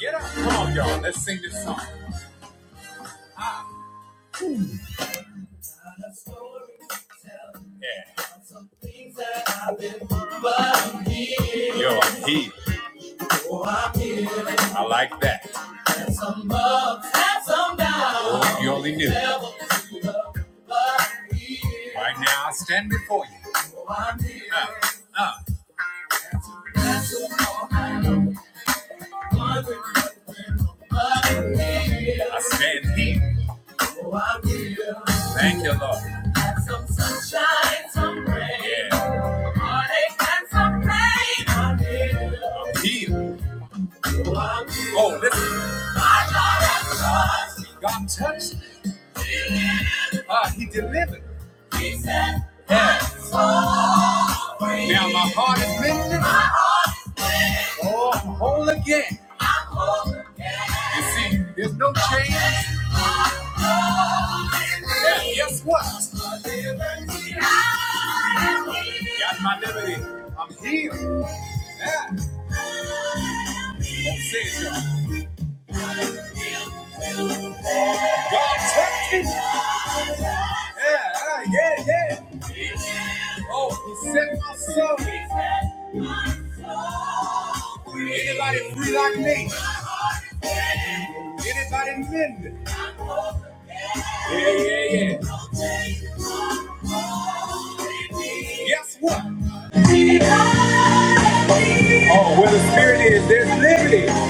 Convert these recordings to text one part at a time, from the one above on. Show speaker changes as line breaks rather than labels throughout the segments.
Get up. Come on, y'all. Let's sing this song. Yeah. Yo, I'm here. Oh, i like that. Oh, if you only knew. Right now, I stand before you. Oh, Uh, uh. I stand here. Oh, I will. Thank you, Lord. Have some sunshine, some rain. Yeah. Heartache and some pain. I will. I'm healed. Oh, I will. Oh, listen. My God has touched. God touched. Ah, he delivered. Yeah. Now my heart is lifted. Oh, I'm whole again. You see, there's no change. Yeah, guess what? Got my liberty. I'm healed. Yeah. Don't say it, y'all. God touched me. Yeah, ah, yeah, yeah. Oh, he set my soul. Anybody free like me? Anybody mend? Yeah, yeah, yeah. Guess what? Oh, where the spirit is, there's liberty. Yeah,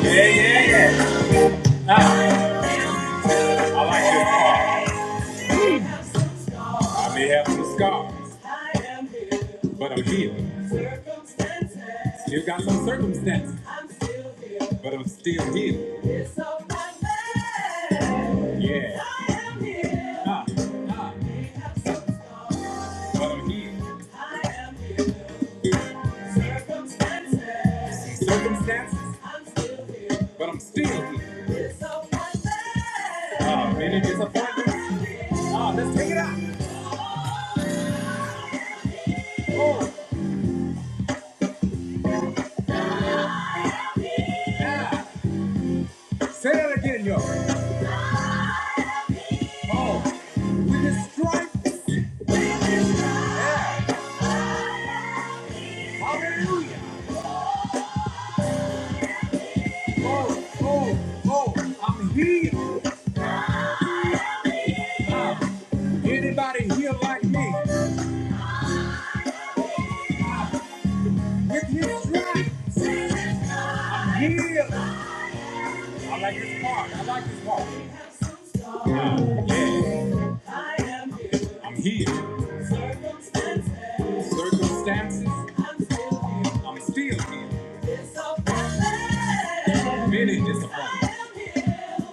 yeah, yeah. I like this part. I may have some scars, but I'm healed. Still got some circumstances, but I'm still healed. Yeah. Ah, ah, but I'm healed. Circumstances, but I'm still healed. Oh, many disappointments. Oh, let's take it out. Oh, yeah. Oh, oh, oh. Say that again, yo. Oh, we just stripes. Yeah. Hallelujah. Oh, oh, oh, I'm healed. Uh, anybody here like me? With his stripes. Yeah. I like this part. I like this part. Yeah. I am here. I'm here. Circumstances. Circumstances. I'm still here. I'm still here. Disappointment. Many disappointments.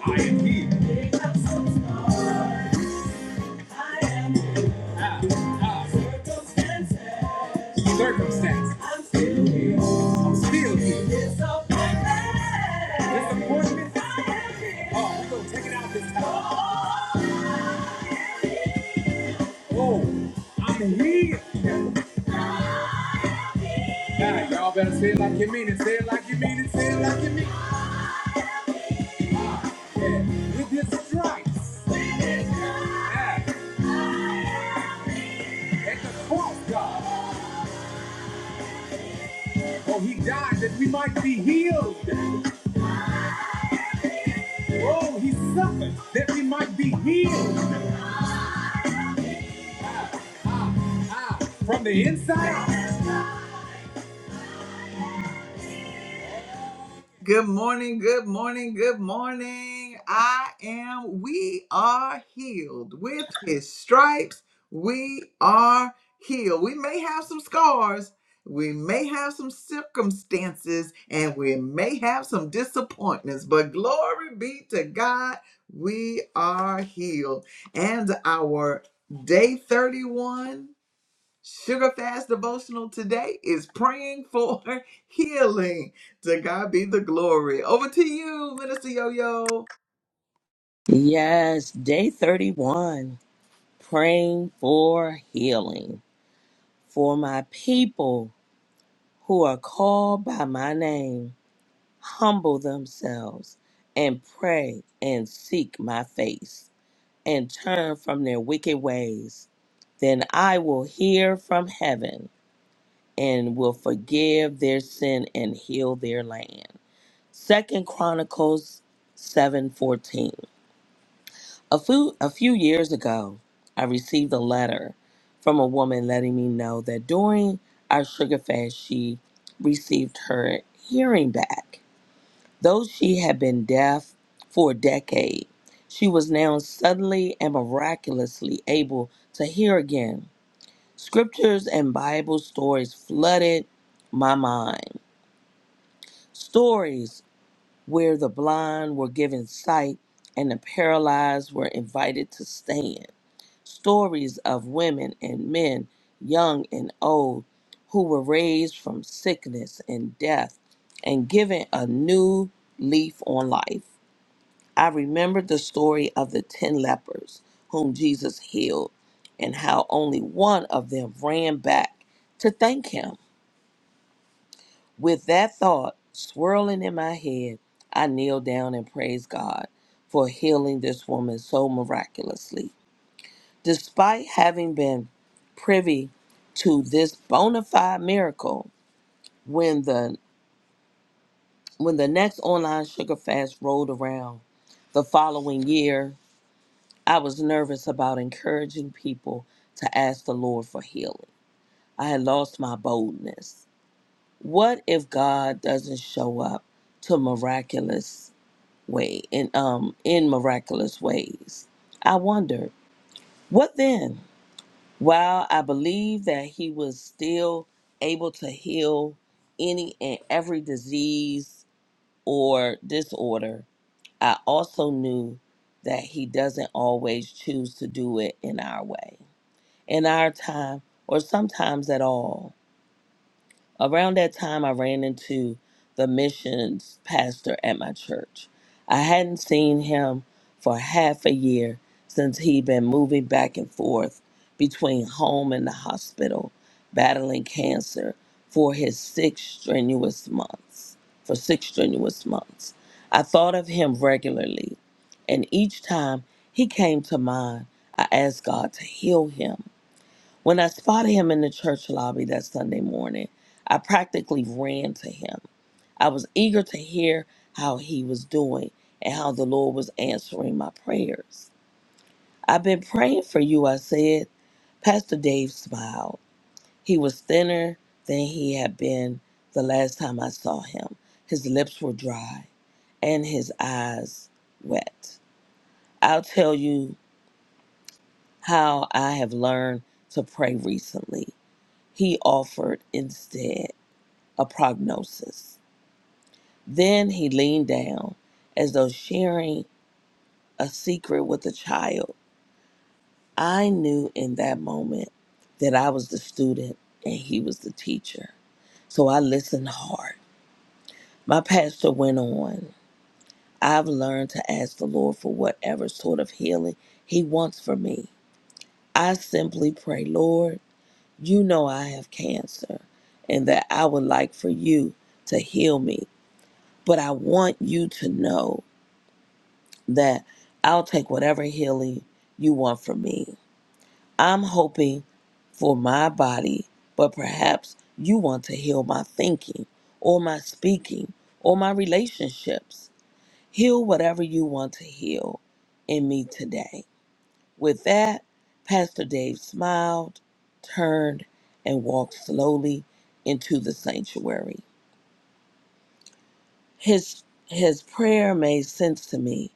I am here. I am here. I am. in Ah, ah. Circumstances. Circumstance. I'm still here. I'm still here. It's Disappointment. Disappointment. I am here. Oh, we gonna take it out this time. Oh, oh, I'm here. Now, y'all better say it like you mean it. Say it like you mean it. Say it like you mean it. Yeah. With his stripes. Yeah. At the cross, God. Oh, he died that we might be healed. Oh, he suffered that we might be healed Ah, ah, from the inside out. Good morning, good morning, good morning. I am, we are healed. With his stripes, we are healed. We may have some scars, we may have some circumstances, and we may have some disappointments, but glory be to God, we are healed. And our day 31 Sugar Fast Devotional today is praying for healing. To God be the glory. Over to you, Minister Yo Yo.
Yes, day 31, praying for healing. For my people who are called by my name, humble themselves and pray and seek my face and turn from their wicked ways. Then I will hear from heaven and will forgive their sin and heal their land. Second Chronicles 7:14. A few, a few years ago, I received a letter from a woman letting me know that during our sugar fast, she received her hearing back. Though she had been deaf for a decade, she was now suddenly and miraculously able to hear again. Scriptures and Bible stories flooded my mind. Stories where the blind were given sight and the paralyzed were invited to stand stories of women and men, young and old, who were raised from sickness and death and given a new leaf on life. I remembered the story of the 10 lepers whom Jesus healed and how only one of them ran back to thank him. With that thought swirling in my head, I kneeled down and praised God for healing this woman so miraculously. Despite having been privy to this bona fide miracle, when the when the next online sugar fast rolled around the following year, I was nervous about encouraging people to ask the Lord for healing. I had lost my boldness. What if God doesn't show up to miraculous way in um in miraculous ways? I wondered. What then? While I believe that he was still able to heal any and every disease or disorder, I also knew that he doesn't always choose to do it in our way, in our time, or sometimes at all. Around that time, I ran into the missions pastor at my church. I hadn't seen him for half a year since he'd been moving back and forth between home and the hospital, battling cancer for his six strenuous months. For six strenuous months, I thought of him regularly, and each time he came to mind, I asked God to heal him when I spotted him in the church lobby that Sunday morning, I practically ran to him. I was eager to hear how he was doing and how the Lord was answering my prayers. I've been praying for you, I said. Pastor Dave smiled. He was thinner than he had been the last time I saw him. His lips were dry and his eyes wet. I'll tell you how I have learned to pray recently, he offered instead. a prognosis. Then he leaned down as though sharing a secret with a child. I knew in that moment that I was the student and he was the teacher. So I listened hard. My pastor went on. I've learned to ask the Lord for whatever sort of healing he wants for me. I simply pray, Lord, you know I have cancer and that I would like for you to heal me, but I want you to know that I'll take whatever healing you want from me. I'm hoping for my body, but perhaps you want to heal my thinking or my speaking or my relationships. Heal whatever you want to heal in me today. With that, Pastor Dave smiled, turned, and walked slowly into the sanctuary. His his prayer made sense to me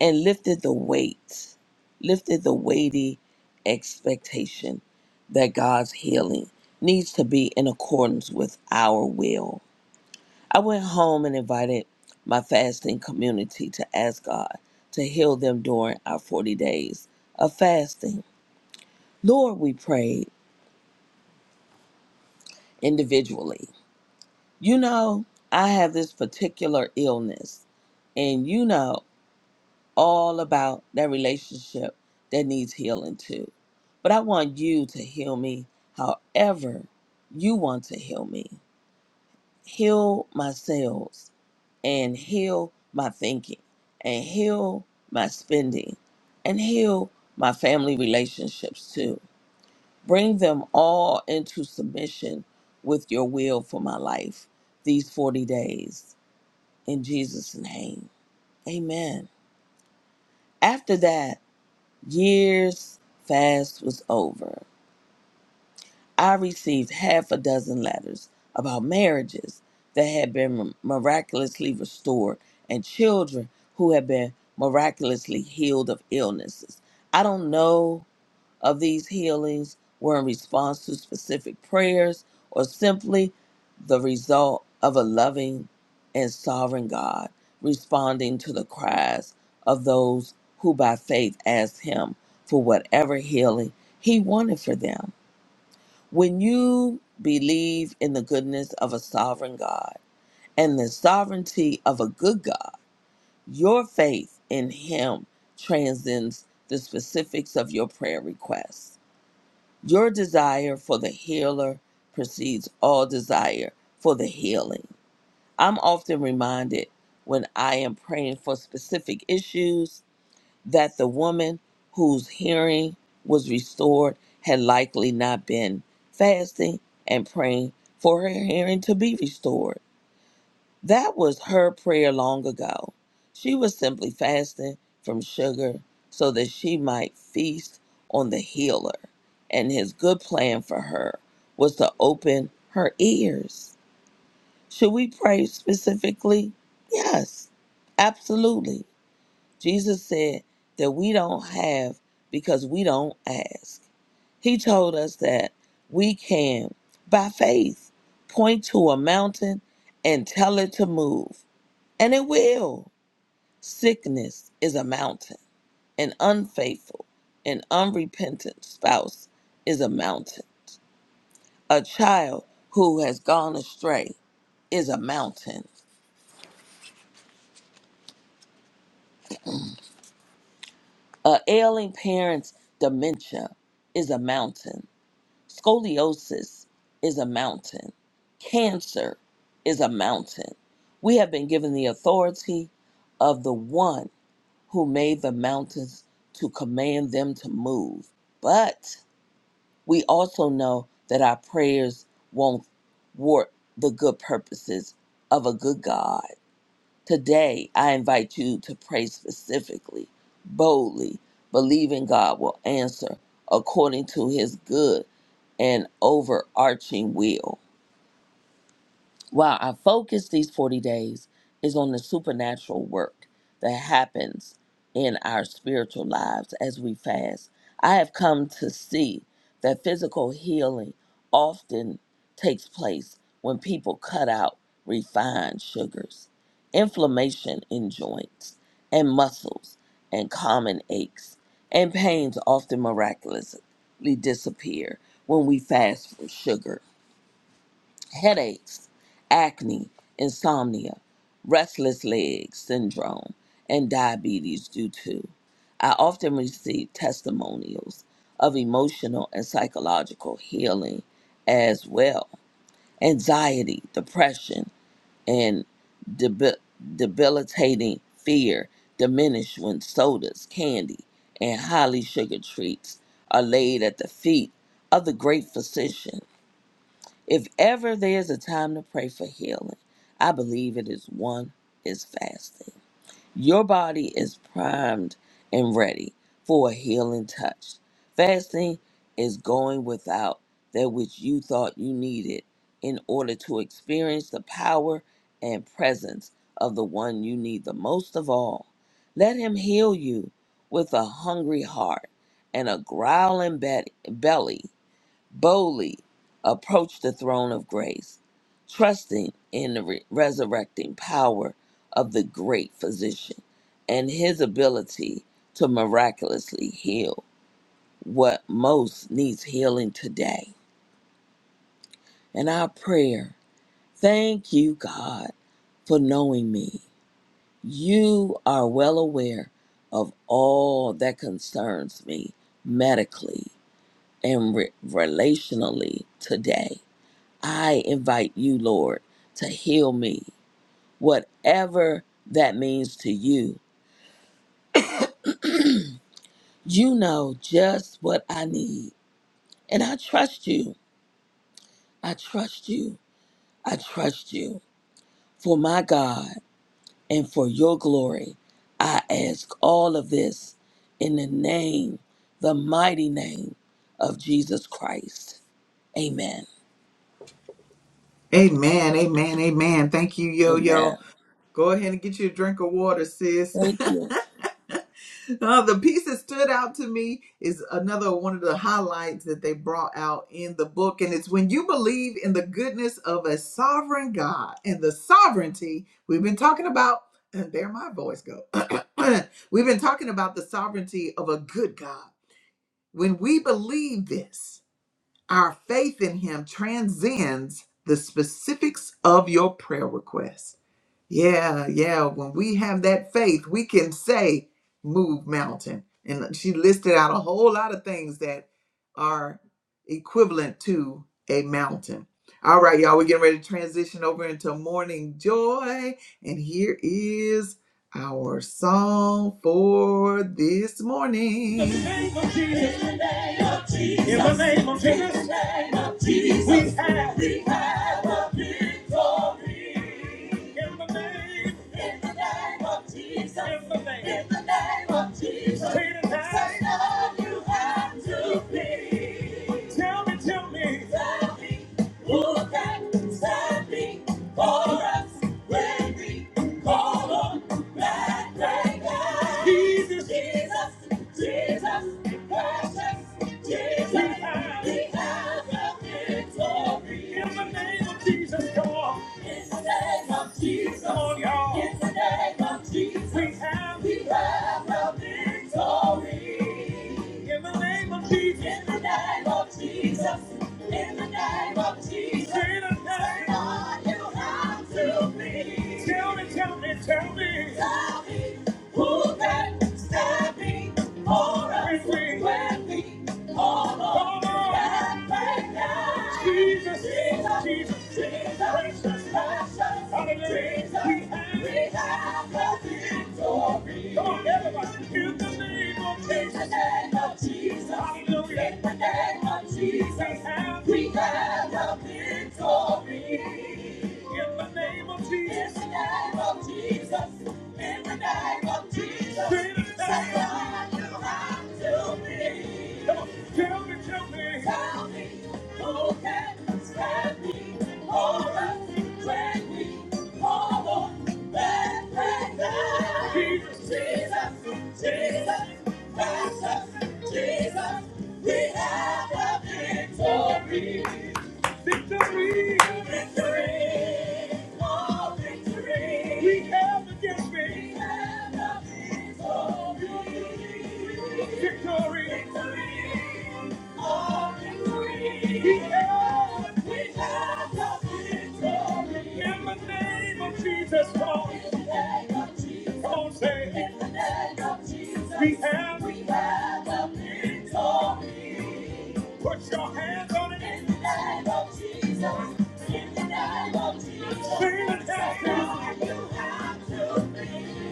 and lifted the weight, lifted the weighty expectation that God's healing needs to be in accordance with our will. I went home and invited my fasting community to ask God to heal them during our 40 days of fasting. Lord, we prayed individually. You know, I have this particular illness, and you know all about that relationship that needs healing too. But I want you to heal me however you want to heal me. Heal my sales and heal my thinking and heal my spending and heal my family relationships too. Bring them all into submission with your will for my life these 40 days in Jesus' name. Amen. After that, years fast was over, I received half a dozen letters about marriages that had been miraculously restored and children who had been miraculously healed of illnesses. I don't know of these healings were in response to specific prayers or simply the result of a loving and sovereign God responding to the cries of those who by faith asked Him for whatever healing He wanted for them. When you believe in the goodness of a sovereign God and the sovereignty of a good God, your faith in Him transcends the specifics of your prayer requests your desire for the healer precedes all desire for the healing. I'm often reminded when I am praying for specific issues that the woman whose hearing was restored had likely not been fasting and praying for her hearing to be restored. That was her prayer long ago. She was simply fasting from sugar so that she might feast on the healer. And his good plan for her was to open her ears. Should we pray specifically? Yes, absolutely. Jesus said that we don't have because we don't ask. He told us that we can, by faith, point to a mountain and tell it to move and it will. Sickness is a mountain. An unfaithful and unrepentant spouse is a mountain. A child who has gone astray is a mountain. A ailing parent's dementia is a mountain. Scoliosis is a mountain. Cancer is a mountain. We have been given the authority of the one who made the mountains to command them to move. But We also know that our prayers won't thwart the good purposes of a good God. Today, I invite you to pray specifically, boldly, believing God will answer according to his good and overarching will. Wow, our focus these 40 days is on the supernatural work that happens in our spiritual lives as we fast. I have come to see that physical healing often takes place when people cut out refined sugars, inflammation in joints and muscles, and common aches and pains often miraculously disappear when we fast from sugar headaches, acne, insomnia, restless leg syndrome, and diabetes do too. I often receive testimonials of emotional and psychological healing as well. Anxiety, depression, and debi- debilitating fear diminish when sodas, candy, and highly sugared treats are laid at the feet of the great physician if ever there is a time to pray for healing, I believe it is one is fasting. Your body is primed and ready for a healing touch. Fasting is going without that which you thought you needed in order to experience the power and presence of the one you need the most of all. Let him heal you with a hungry heart and a growling be- belly boldly approach the throne of grace, trusting in the re- resurrecting power of the great physician and his ability to miraculously heal what most needs healing today. And our prayer, thank you, God, for knowing me. You are well aware of all that concerns me medically and re- relationally today. I invite you, Lord, to heal me, whatever that means to you. You know just what I need. And I trust you. I trust you. I trust you. For my God and for your glory, I ask all of this in the name, the mighty name of Jesus Christ. Amen.
Amen, amen, amen. Thank you, Yo Yo.
Amen.
Go ahead and get you a drink of water, sis.
Thank you.
Uh, the piece that stood out to me is another one of the highlights that they brought out in the book. And it's when you believe in the goodness of a sovereign God and the sovereignty we've been talking about, and there my voice go. we've been talking about the sovereignty of a good God. When we believe this, our faith in Him transcends the specifics of your prayer request. Yeah, yeah. When we have that faith, we can say, move mountain. And she listed out a whole lot of things that are equivalent to a mountain. All right, y'all, we're getting ready to transition over into morning joy. And here is our song for this morning. In the name of Jesus. In the name of Jesus. In the name of Jesus. in the name of Jesus, We have. We have a victory. In the name. In the name of Jesus. In the name. In the name of Jesus. Say you have to be. Tell me, tell me. tell me, who can stand me for us when we call on that great God? Jesus, Jesus, Jesus, precious Jesus, we have, we have the victory. In the name of Jesus, God. In the name of Jesus. Come on, y'all. In the name of Jesus. We have, we have the victory. In the name of Jesus. In the name of Jesus. In the name of Jesus. Say it again. Say you have to be. Tell me, tell me, tell me. Tell me who can stand me for us when we Jesus, Jesus, Jesus, precious passion. Hallelujah. Jesus, We have, we have the victory. Come on, everybody. In the name of Jesus. In the name of Jesus. Hallelujah. In the name of Jesus. We have, we have the victory in the name of Jesus. In the name of Jesus. In the name of Jesus. Say it you have to be. Come on. Tell me, tell me. Tell me who can stand me. Hold us, drag me. Hold on, back, back, back. Jesus, Jesus, Jesus. Jesus, Jesus, we have the victory. Victory! Victory! Oh, victory! We have the victory! We have the victory! Victory! Victory! Oh, victory! We have, we have the victory! In the name of Jesus, Lord! In the name of Jesus! Come on, say it! In the name of Jesus! We have, we have the victory! Put your hands on it. In the name of Jesus. In the name of Jesus. Sing the name. Tell you how to be.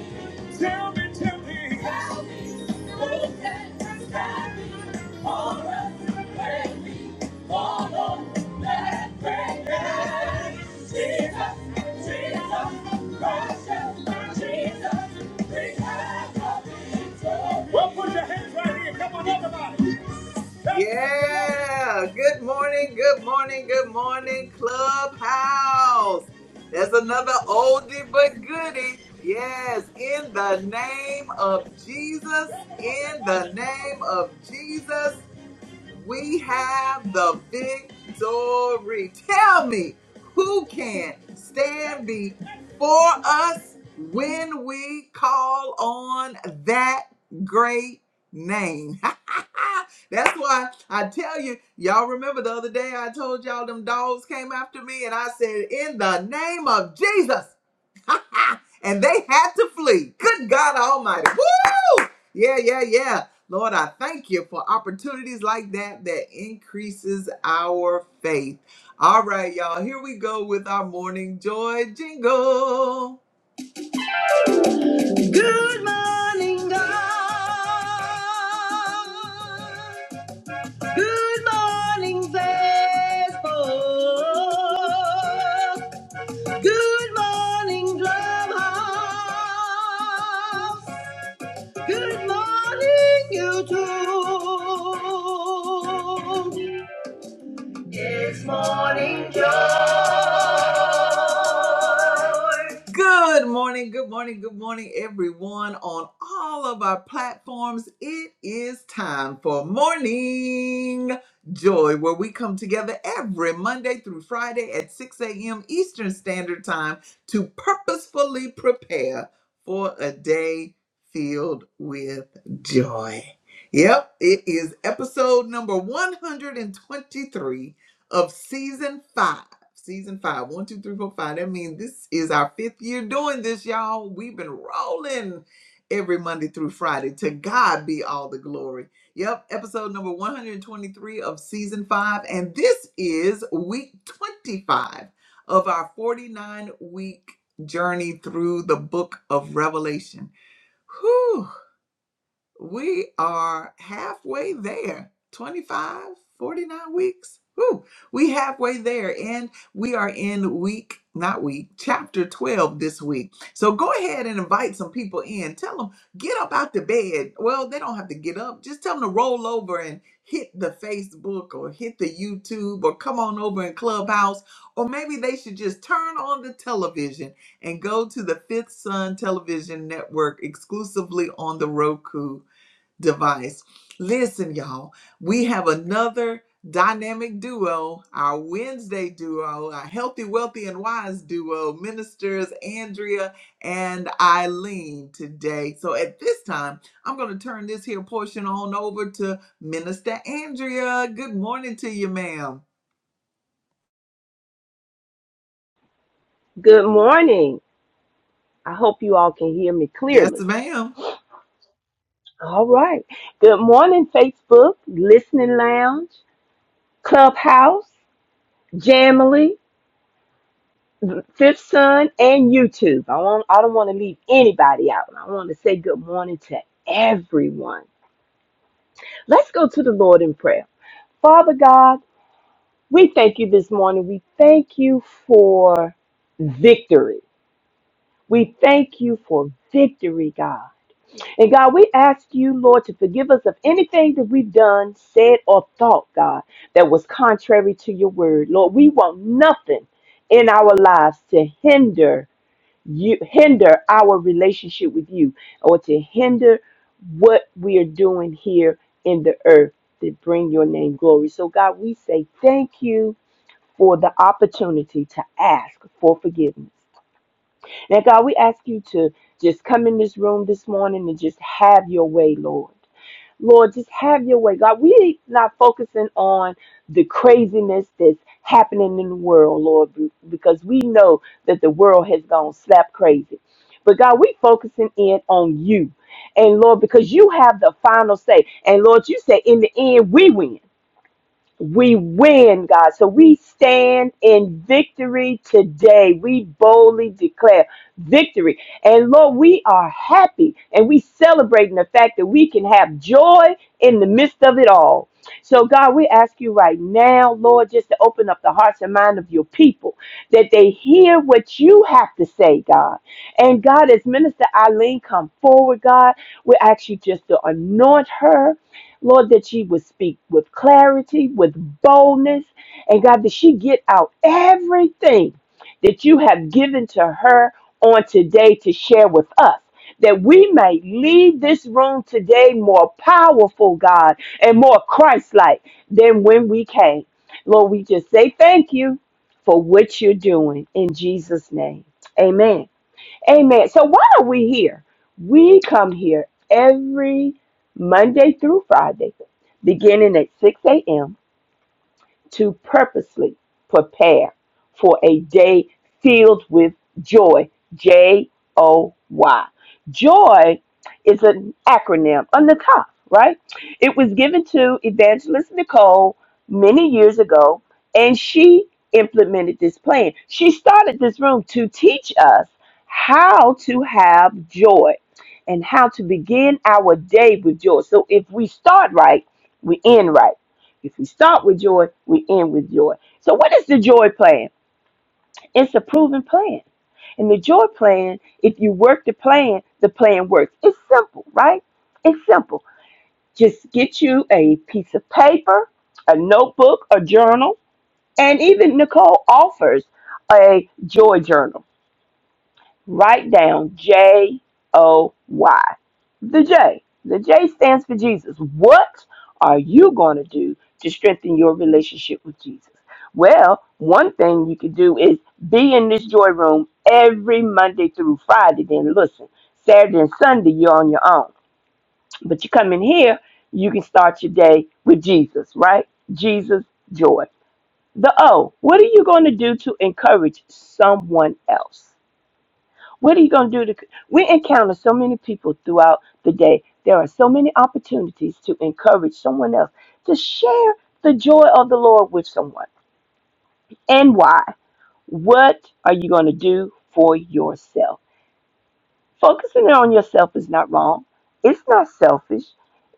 Tell me, tell me. Tell me. Who can describe me? All of the baby. All of that baby. Jesus. Jesus. Precious Jesus. We have a victory. Well, put your hands right here. Come on, everybody. Yeah. Good morning. Good morning. Good morning, Clubhouse. There's another oldie but goodie. Yes. In the name of Jesus. In the name of Jesus we have the victory. Tell me who can stand before us when we call on that great name. That's why I tell you, y'all remember the other day I told y'all them dogs came after me and I said, In the name of Jesus. and they had to flee. Good God Almighty. Woo! Yeah, yeah, yeah. Lord, I thank you for opportunities like that that increases our faith. All right, y'all. Here we go with our morning joy jingle. Good morning, God. Good morning, Facebook. Good morning, Drumhouse. Good morning, YouTube. Good morning, good morning, good morning, everyone on all of our platforms. It is time for Morning Joy, where we come together every Monday through Friday at 6 a.m. Eastern Standard Time to purposefully prepare for a day filled with joy. Yep, it is episode number 123 of season 5 season five. One, two, three, four, five. That means this is our fifth year doing this, y'all. We've been rolling every Monday through Friday. To God be all the glory. Yep, episode number 123 of season five. And this is week 25 of our 49 week journey through the book of Revelation. Whew we are halfway there 25, 49 weeks Whew. we halfway there and we are in week not week chapter 12 this week so go ahead and invite some people in tell them get up out the bed well they don't have to get up just tell them to roll over and hit the facebook or hit the youtube or come on over in clubhouse or maybe they should just turn on the television and go to the fifth sun television network exclusively on the roku device. Listen, y'all, we have another dynamic duo, our Wednesday duo, our healthy, wealthy, and wise duo, ministers Andrea and Eileen today. So at this time, I'm going to turn this here portion on over to Minister Andrea. Good morning to you, ma'am.
Good morning. I hope you all can hear me
Yes,
clearly.
ma'am.
All right. Good morning, Facebook, Listening Lounge, Clubhouse, Jamily, Fifth Sun, and YouTube. I want I don't want to leave anybody out. I want to say good morning to everyone. Let's go to the Lord in prayer. Father God, we thank you this morning. We thank you for victory. We thank you for victory, God. And God, we ask you, Lord, to forgive us of anything that we've done, said, or thought, God, that was contrary to your word. Lord, we want nothing in our lives to hinder you, hinder our relationship with you, or to hinder what we are doing here in the earth that bring your name glory. So, God, we say thank you for the opportunity to ask for forgiveness. Now, God, we ask you to just come in this room this morning and just have your way, Lord. Lord, just have your way. God, we are not focusing on the craziness that's happening in the world, Lord, because we know that the world has gone slap crazy. But God, we are focusing in on you. And Lord, because you have the final say. And Lord, you say in the end, we win. We win, God. So we stand in victory today. We boldly declare victory. And Lord, we are happy and we celebrating the fact that we can have joy in the midst of it all. So, God, we ask you right now, Lord, just to open up the hearts and mind of your people that they hear what you have to say, God. And God, as Minister Eileen come forward, God, we ask you just to anoint her Lord, that she would speak with clarity, with boldness, and God, that she get out everything that you have given to her on today to share with us. That we may leave this room today more powerful, God, and more Christ like than when we came. Lord, we just say thank you for what you're doing in Jesus' name. Amen. Amen. So why are we here? We come here every Monday through Friday, beginning at 6 a.m to purposely prepare for a day filled with joy. J O Y. Joy is an acronym on the top, right? It was given to Evangelist Nicole many years ago, and she implemented this plan. She started this room to teach us how to have joy and how to begin our day with joy. So if we start right, we end right. If we start with joy, we end with joy. So, what is the joy plan? It's a proven plan. And the joy plan, if you work the plan, the plan works. It's simple, right? It's simple. Just get you a piece of paper, a notebook, a journal, and even Nicole offers a joy journal Write down J O Y. The J. The J stands for Jesus. What are you going to do to strengthen your relationship with Jesus? Well, one thing you could do is be in this joy room every Monday through Friday. Then listen, Saturday and Sunday, you're on your own. But you come in here, you can start your day with Jesus, right? Jesus, joy. The O, what are you going to do to encourage someone else? What are you going to do? To, we encounter so many people throughout the day. There are so many opportunities to encourage someone else to share the joy of the Lord with someone. And why? What are you going to do for yourself? Focusing on yourself is not wrong. It's not selfish.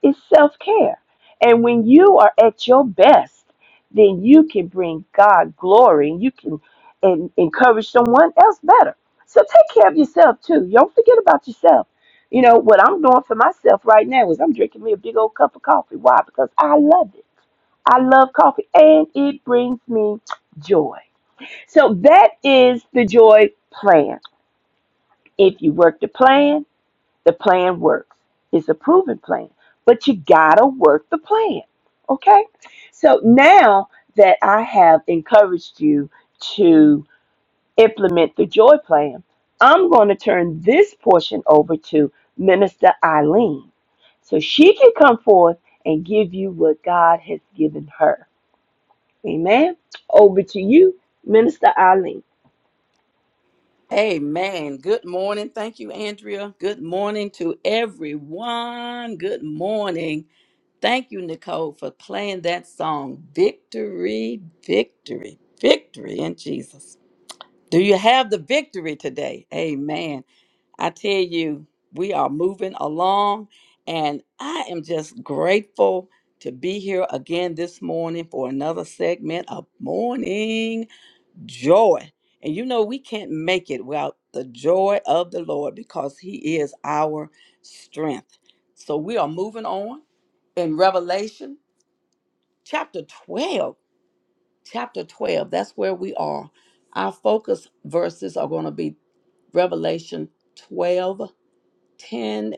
It's self care. And when you are at your best, then you can bring God glory and you can and encourage someone else better. So take care of yourself too. Don't forget about yourself. You know, what I'm doing for myself right now is I'm drinking me a big old cup of coffee. Why? Because I love it. I love coffee and it brings me joy. So that is the joy plan. If you work the plan, the plan works. It's a proven plan. But you gotta work the plan. Okay? So now that I have encouraged you to implement the joy plan, I'm gonna turn this portion over to Minister Eileen. So she can come forth and give you what God has given her. Amen. Over to you, Minister Eileen.
Amen. Good morning. Thank you, Andrea. Good morning to everyone. Good morning. Thank you, Nicole, for playing that song. Victory, victory, victory in Jesus. Do you have the victory today? Amen. I tell you, we are moving along, and I am just grateful to be here again this morning for another segment of morning joy. And you know, we can't make it without the joy of the Lord because He is our strength. So we are moving on in Revelation chapter 12. Chapter 12, that's where we are. Our focus verses are going to be Revelation 12 10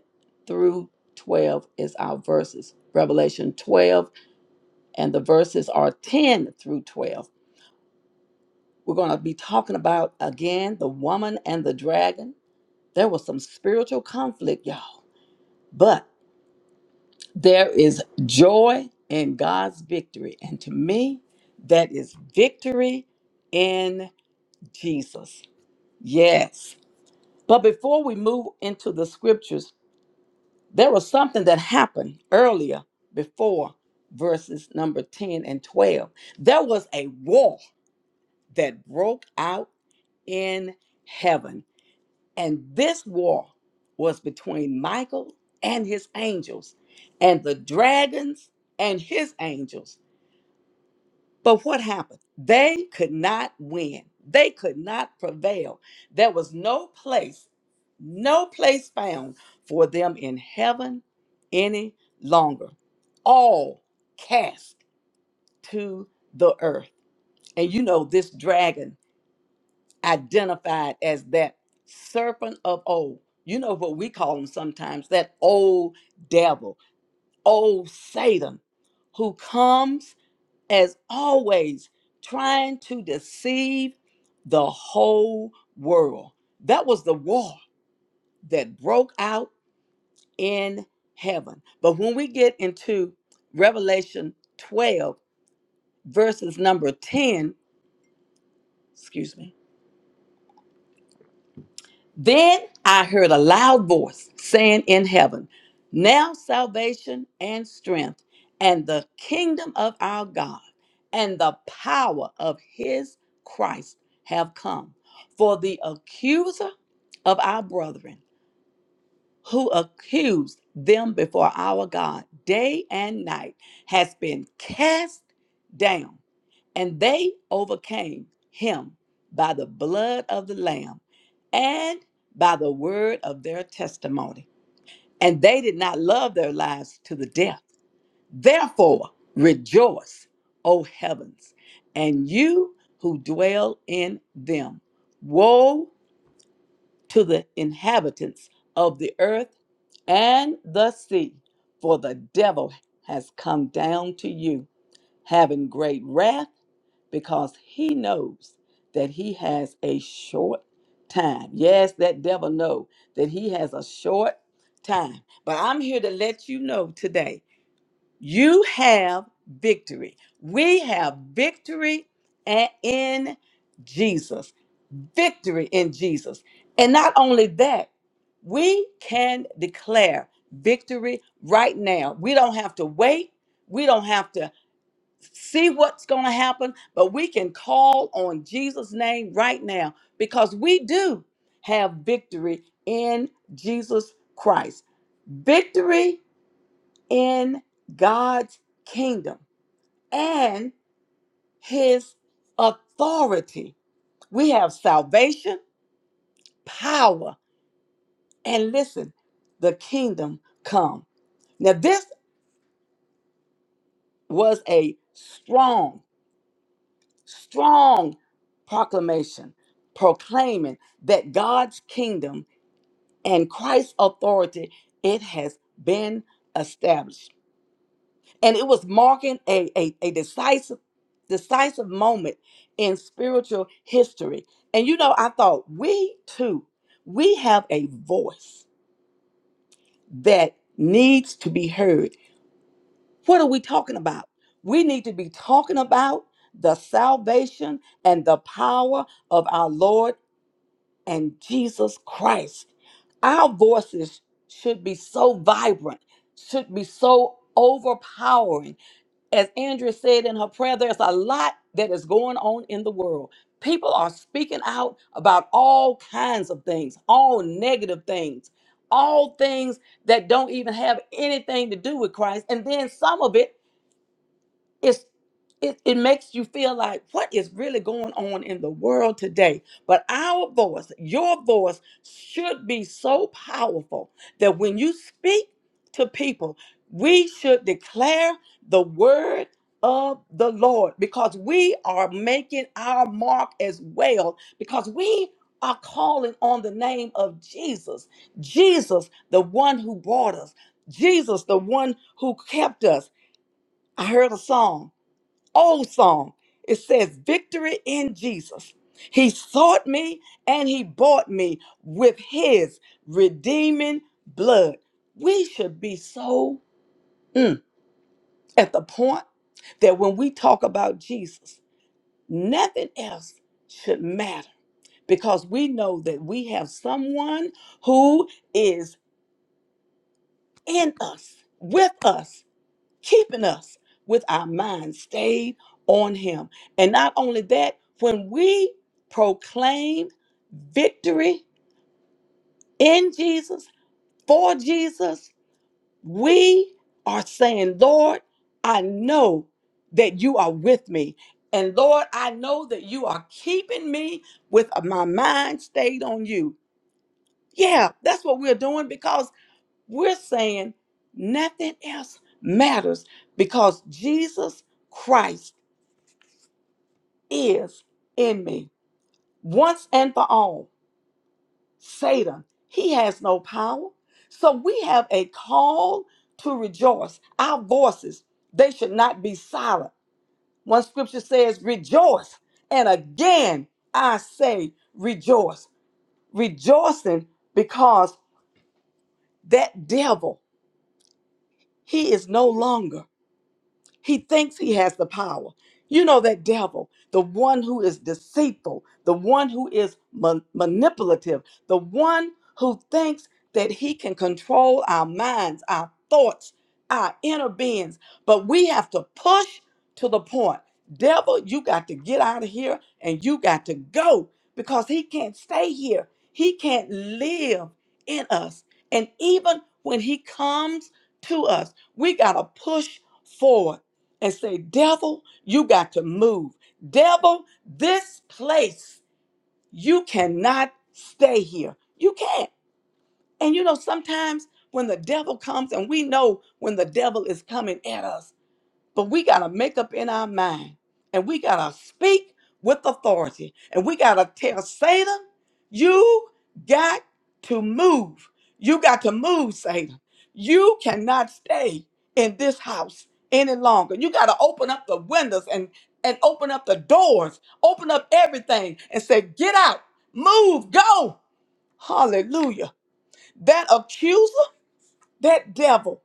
through 12 is our verses. Revelation 12, and the verses are 10 through 12. We're going to be talking about again the woman and the dragon There was some spiritual conflict, y'all. But there is joy in God's victory. And to me, that is victory in Jesus. Yes. But before we move into the scriptures, there was something that happened earlier before verses number 10 and 12. There was a war that broke out in heaven. And this war was between Michael and his angels, and the dragons and his angels. But what happened? They could not win, they could not prevail. There was no place, no place found for them in heaven any longer. All cast to the earth. And you know, this dragon. identified as that serpent of old. You know what we call him sometimes, that old devil, old Satan, who comes as always trying to deceive the whole world. That was the war that broke out in heaven. But when we get into Revelation 12, verses number 10, excuse me, Then I heard a loud voice saying in heaven, Now salvation and strength, and the kingdom of our God, and the power of his Christ have come. For the accuser of our brethren, who accused them before our God day and night, has been cast down and they overcame him by the blood of the Lamb and by the word of their testimony. And they did not love their lives to the death. Therefore, rejoice, O heavens, and you who dwell in them. Woe to the inhabitants of the earth and the sea, for the devil has come down to you, having great wrath because he knows that he has a short time. Yes, that devil know that he has a short time. But I'm here to let you know today. You have victory. We have victory a- in Jesus. Victory in Jesus. And not only that, we can declare victory right now. We don't have to wait. We don't have to see what's going to happen, but we can call on Jesus' name right now because we do have victory in Jesus Christ. Victory in God's kingdom and his authority. We have salvation, power, and listen, the kingdom come. Now, this was a strong strong proclamation proclaiming that God's kingdom and Christ's authority it has been established and it was marking a, a, a decisive decisive moment in spiritual history and you know I thought we too we have a voice that needs to be heard what are we talking about we need to be talking about the salvation and the power of our Lord and Jesus Christ. Our voices should be so vibrant, should be so overpowering. As Andrea said in her prayer, there's a lot that is going on in the world. People are speaking out about all kinds of things, all negative things, all things that don't even have anything to do with Christ. And then some of it it's it, it makes you feel like what is really going on in the world today but our voice your voice should be so powerful that when you speak to people we should declare the word of the lord because we are making our mark as well because we are calling on the name of jesus jesus the one who brought us jesus the one who kept us i heard a song old song. It says, Victory in Jesus. He sought me and he bought me with his redeeming blood. We should be so mm, at the point that when we talk about Jesus, nothing else should matter because we know that we have someone who is in us, with us. keeping us with our minds stayed on him. And not only that, when we proclaim victory in Jesus, for Jesus, we are saying, Lord, I know that you are with me. And Lord, I know that you are keeping me with my mind stayed on you. Yeah, that's what we're doing because we're saying nothing else matters because Jesus Christ. is in me once and for all. Satan, he has no power. So we have a call to rejoice. Our voices, they should not be silent. One scripture says, rejoice. And again, I say, rejoice. Rejoicing because that devil, he is no longer. He thinks he has the power. You know, that devil, the one who is deceitful, the one who is ma- manipulative, the one who thinks that he can control our minds, our thoughts, our inner beings. But we have to push to the point. Devil, you got to get out of here and you got to go because he can't stay here. He can't live in us. And even when he comes to us, we got to push forward and say, Devil, you got to move. Devil, this place, you cannot stay here. You can't. And you know, sometimes when the devil comes, and we know when the devil is coming at us, but we got to make up in our mind and we got to speak with authority and we got to tell Satan, you got to move. You got to move, Satan. You cannot stay in this house any longer. You got to open up the windows and, and open up the doors, open up everything and say, get out, move, go. Hallelujah. That accuser, that devil,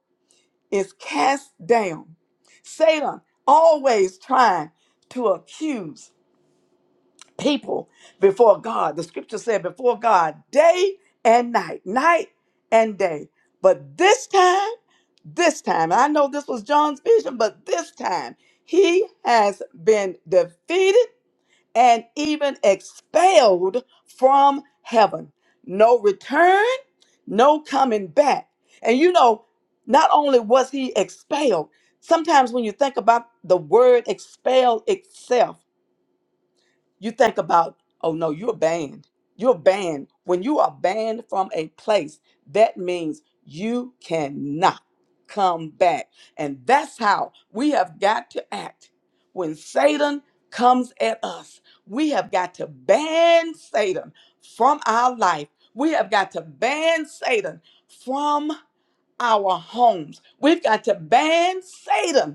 is cast down. Satan always trying to accuse people before God. The scripture said, before God, day and night, night and day. But this time, this time, I know this was John's vision, but this time he has been defeated and even expelled from heaven. No return, no coming back. And you know, not only was he expelled, sometimes when you think about the word expel itself, you think about oh no you're banned you're banned when you are banned from a place that means you cannot come back and that's how we have got to act when satan comes at us we have got to ban satan from our life we have got to ban satan from our homes we've got to ban satan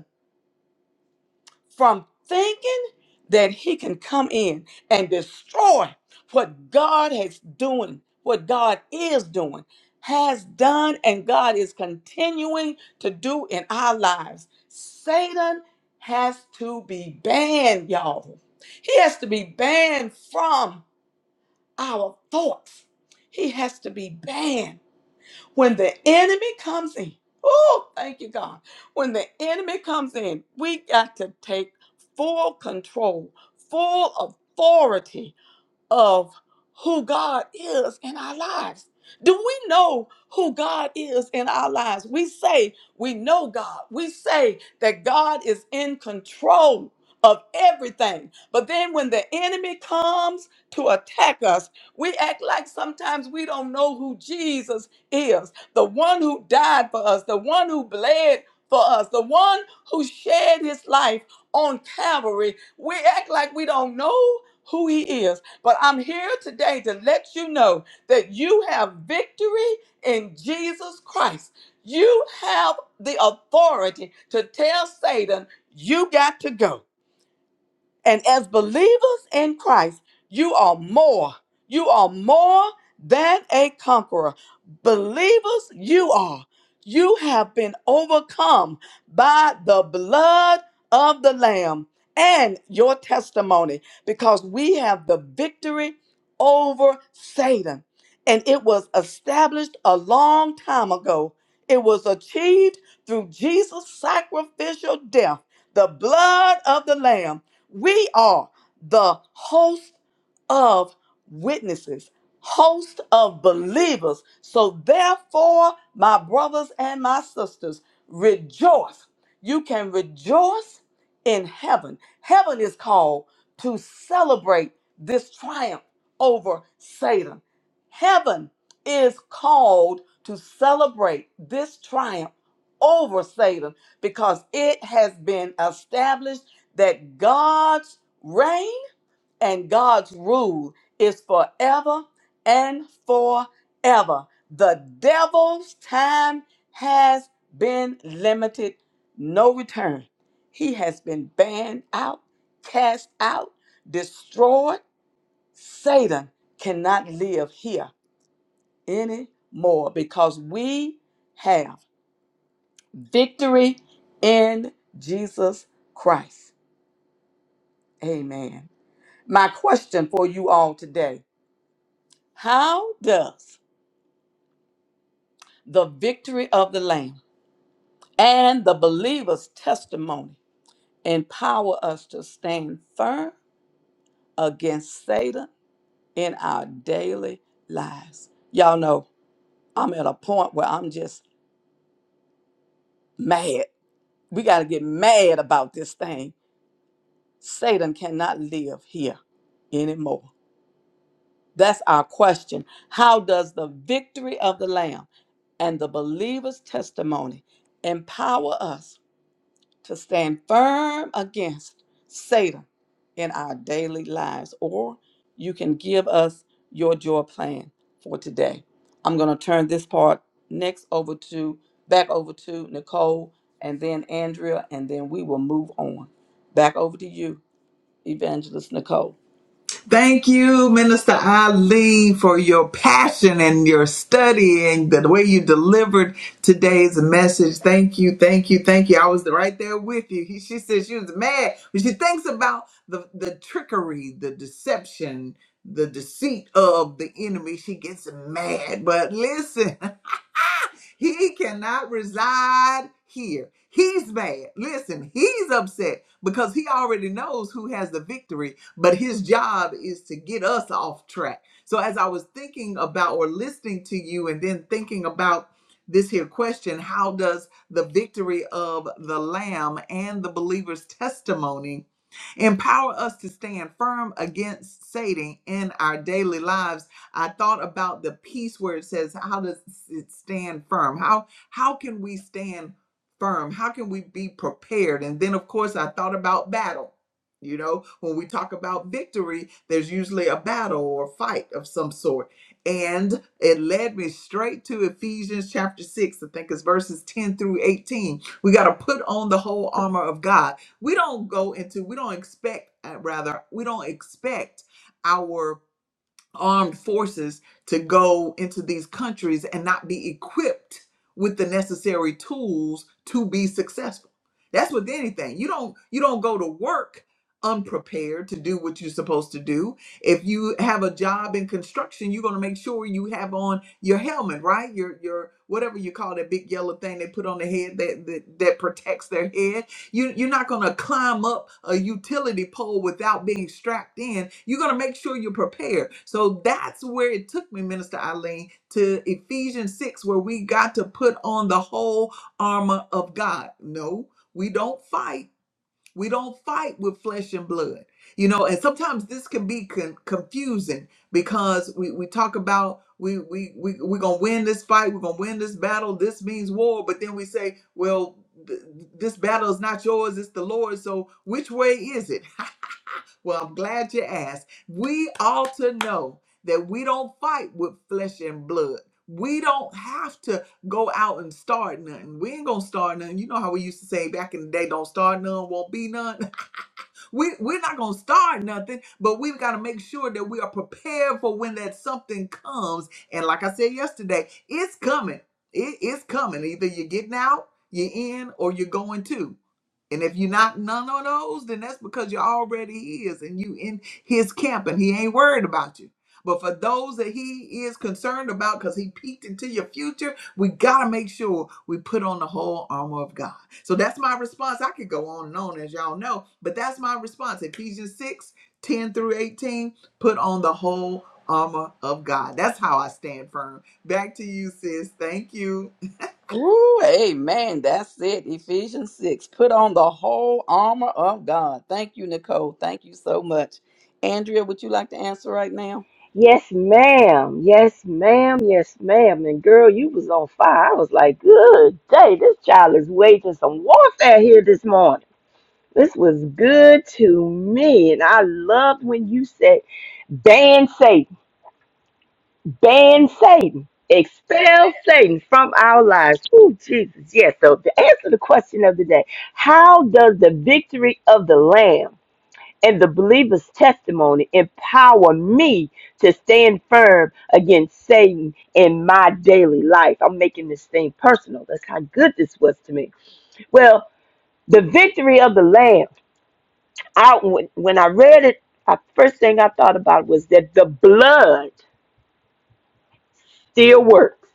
from thinking that he can come in and destroy what God has doing, what God is doing, has done, and God is continuing to do in our lives. Satan has to be banned, y'all. He has to be banned from our thoughts. He has to be banned. When the enemy comes in, oh, thank you, God. When the enemy comes in, we got to take full control, full authority of who God is in our lives. Do we know who God is in our lives? We say we know God. We say that God is in control of everything. But then when the enemy comes to attack us, we act like sometimes we don't know who Jesus is the one who died for us, the one who bled for us, the one who shed his life on Calvary. We act like we don't know who he is. But I'm here today to let you know that you have victory in Jesus Christ. You have the authority to tell Satan, you got to go. And as believers in Christ, you are more. You are more than a conqueror. Believers, you are. You have been overcome by the blood of the Lamb and your testimony because we have the victory over Satan. And it was established a long time ago. It was achieved through Jesus' sacrificial death, the blood of the Lamb we are the host of witnesses, host of believers. So, therefore, my brothers and my sisters, rejoice. You can rejoice in heaven. Heaven is called to celebrate this triumph over Satan. Heaven is called to celebrate this triumph over Satan because it has been established that God's reign and God's rule is forever and forever. The devil's time has been limited, no return. He has been banned out, cast out, destroyed. Satan cannot live here anymore because we have victory in Jesus Christ. Amen. My question for you all today How does the victory of the Lamb and the believer's testimony empower us to stand firm against Satan in our daily lives? Y'all know I'm at a point where I'm just mad. We got to get mad about this thing. Satan cannot live here anymore. That's our question. How does the victory of the Lamb and the believer's testimony empower us to stand firm against Satan in our daily lives? Or you can give us your joy plan for today. I'm going to turn this part next over to back over to Nicole and then Andrea, and then we will move on. Back over to you, Evangelist Nicole.
Thank you, Minister Eileen, for your passion and your studying, the way you delivered today's message. Thank you, thank you, thank you. I was right there with you. He- she said she was mad, but she thinks about the, the trickery, the deception, the deceit of the enemy. She gets mad. But listen. He cannot reside here. He's mad. Listen, he's upset because he already knows who has the victory, but his job is to get us off track. So, as I was thinking about or listening to you and then thinking about this here question, how does the victory of the Lamb and the believer's testimony? Empower us to stand firm against Satan in our daily lives. I thought about the piece where it says, How does it stand firm? How how can we stand firm? How can we be prepared? And then of course I thought about battle. You know, when we talk about victory, there's usually a battle or a fight of some sort. And it led me straight to Ephesians chapter 6, I think it's verses 10 through 18. We got to put on the whole armor of God we don't go into we don't expect uh, rather we don't expect our armed forces to go into these countries and not be equipped with the necessary tools to be successful that's with anything you don't you don't go to work unprepared to do what you're supposed to do if you have a job in construction you're going to make sure you have on your helmet right your your whatever you call that big yellow thing they put on the head that that, that protects their head you, you're not going to climb up a utility pole without being strapped in. You're going to make sure you're prepared. So that's where it took me, Minister Eileen, to Ephesians 6, where we got to put on the whole armor of God. No, we don't fight. We don't fight with flesh and blood. You know, and sometimes this can be con- confusing because we, we talk about we, we, we, we're going to win this fight, we're going to win this battle, this means war, but then we say, well, th- this battle is not yours, it's the Lord. So which way is it? well, I'm glad you asked. We ought to know that we don't fight with flesh and blood. We don't have to go out and start nothing. We ain't gonna start nothing. You know how we used to say back in the day, don't start none, won't be none we we're not gonna start nothing, but we've got to make sure that we are prepared for when that something comes. And like I said yesterday, it's coming. It is coming. Either you're getting out, you're in, or you're going to. And if you're not none of those, then that's because you're already his and you in his camp and he ain't worried about you. But for those that he is concerned about because he peeked into your future, we got to make sure we put on the whole armor of God. So that's my response. I could go on and on, as y'all know, but that's my response. Ephesians 6 10 through 18, put on the whole armor of God. That's how I stand firm. Back to you, sis. Thank you.
Ooh, amen. That's it. Ephesians 6. Put on the whole armor of God. Thank you, Nicole. Thank you so much. Andrea, would you like to answer right now?
Yes, ma'am. Yes, ma'am. Yes, ma'am. And girl, you was on fire. I was like, good day. This child is waging some warfare here this morning. This was good to me. And I loved when you said, ban Satan, ban Satan, expel Satan from our lives. Oh, Jesus. Yes. So to answer the question of the day, how does the victory of the Lamb? and the believer's testimony empower me to stand firm against Satan in my daily life. I'm making this thing personal. That's how good this was to me. Well, the victory of the Lamb. I when, when I read it, the first thing I thought about was that the blood still works.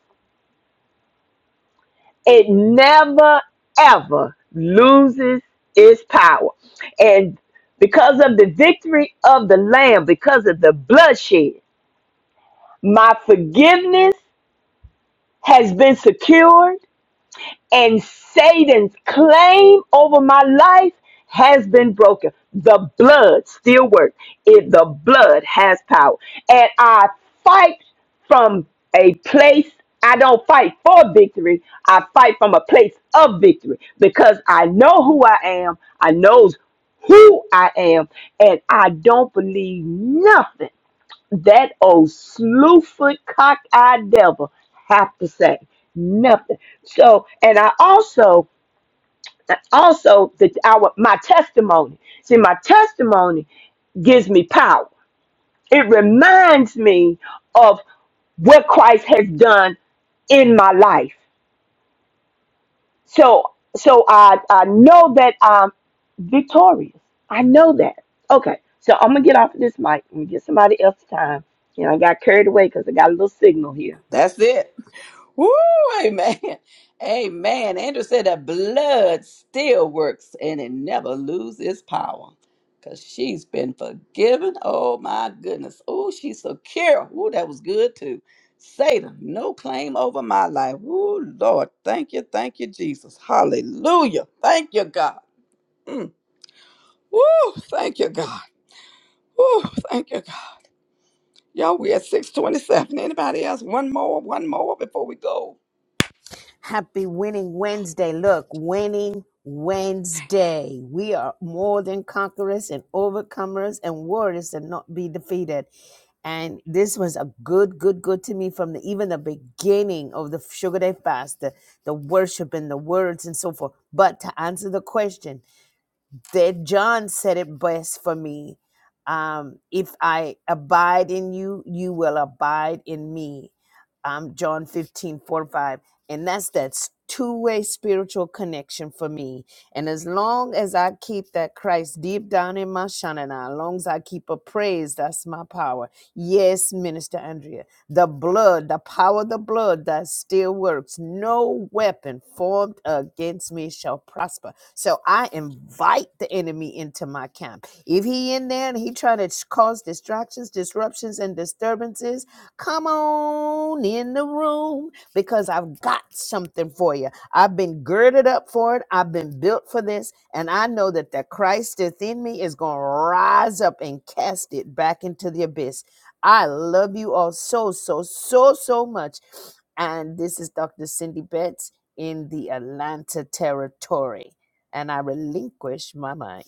It never ever loses its power, and because of the victory of the Lamb, because of the bloodshed. My forgiveness has been secured, and Satan's claim over my life has been broken. The blood still works. If the blood has power, and I fight from a place, I don't fight for victory. I fight from a place of victory because I know who I am. I knows who I am, and I don't believe nothing that old slewfoot cock-eyed devil have to say nothing. So, and I also, also the our my testimony. See, my testimony gives me power. It reminds me of what Christ has done in my life. So, so I I know that I'm victorious. I know that. Okay, so I'm gonna get off of this mic and get somebody else's time. You know, I got carried away because I got a little signal here.
That's it. Woo! Amen. Amen. Andrew said that blood still works and it never loses its power because she's been forgiven. Oh, my goodness. Oh, she's secure. Ooh, that was good too. Satan, no claim over my life. Ooh, Lord. Thank you. Thank you, Jesus. Hallelujah. Thank you, God. Mm. Woo! Thank you, God. Woo! Thank you, God. Y'all, we at 627. Anybody else? One more, one more before we go.
Happy Winning Wednesday. Look, Winning Wednesday. We are more than conquerors and overcomers and warriors and not be defeated. And this was a good, good, good to me from the, even the beginning of the Sugar Day fast, the, the worship and the words and so forth. But to answer the question, that John said it best for me. Um, if I abide in you, you will abide in me. Um, John 15, 45. And that's that's two-way spiritual connection for me. And as long as I keep that Christ deep down in my shanana, as long as I keep a praise, that's my power. Yes, Minister Andrea, the blood, the power of the blood that still works. No weapon formed against me shall prosper so I invite the enemy into my camp. If he in there and he trying to cause distractions, disruptions, and disturbances, come on in the room because I've got something for you. I've been girded up for it. I've been built for this. And I know that the Christ that's in me is going to rise up and cast it back into the abyss. I love you all so, so, so, so much. And this is Dr. Cindy Betts in the Atlanta territory and I relinquish my mind.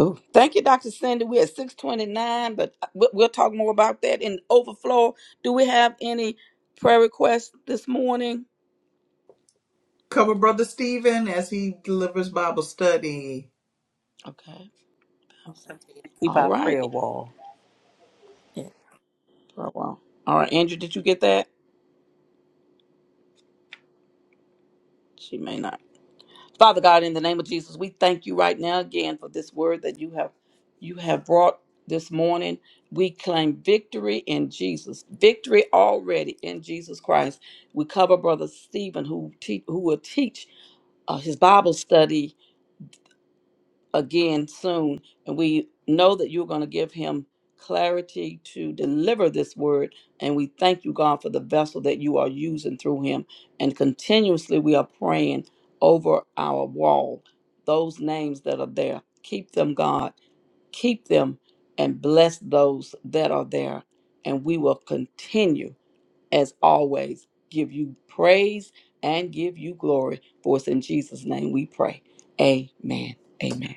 Ooh, thank you, Dr. Cindy. We're at 629, but we- we'll talk more about that in overflow. Do we have any prayer requests this morning?
Cover Brother Stephen as he delivers Bible study.
Okay.
Keep
All
our
right.
prayer wall.
For a while. All right, Andrew, did you get that? She may not. Father God, in the name of Jesus, we thank you right now again for this word that you have you have brought this morning. We claim victory in Jesus. Victory already in Jesus Christ. We cover Brother Stephen who te- who will teach uh, his Bible study again soon. And we know that you're going to give him clarity to deliver this word. And we thank you, God, for the vessel that you are using through him. And continuously we are praying over our wall, those names that are there. Keep them, God. Keep them and bless those that are there. And we will continue, as always, give you praise and give you glory. For us in Jesus' name we pray. Amen. Amen.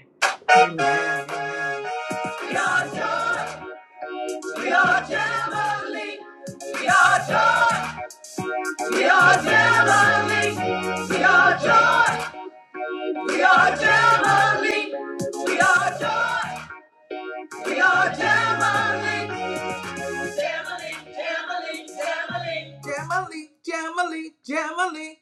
Jubilee. We are joy. We are joy. We are Jubilee. We are joy. We are Jubilee. Jubilee. Jubilee. Jubilee. Jubilee. Jubilee. Jubilee.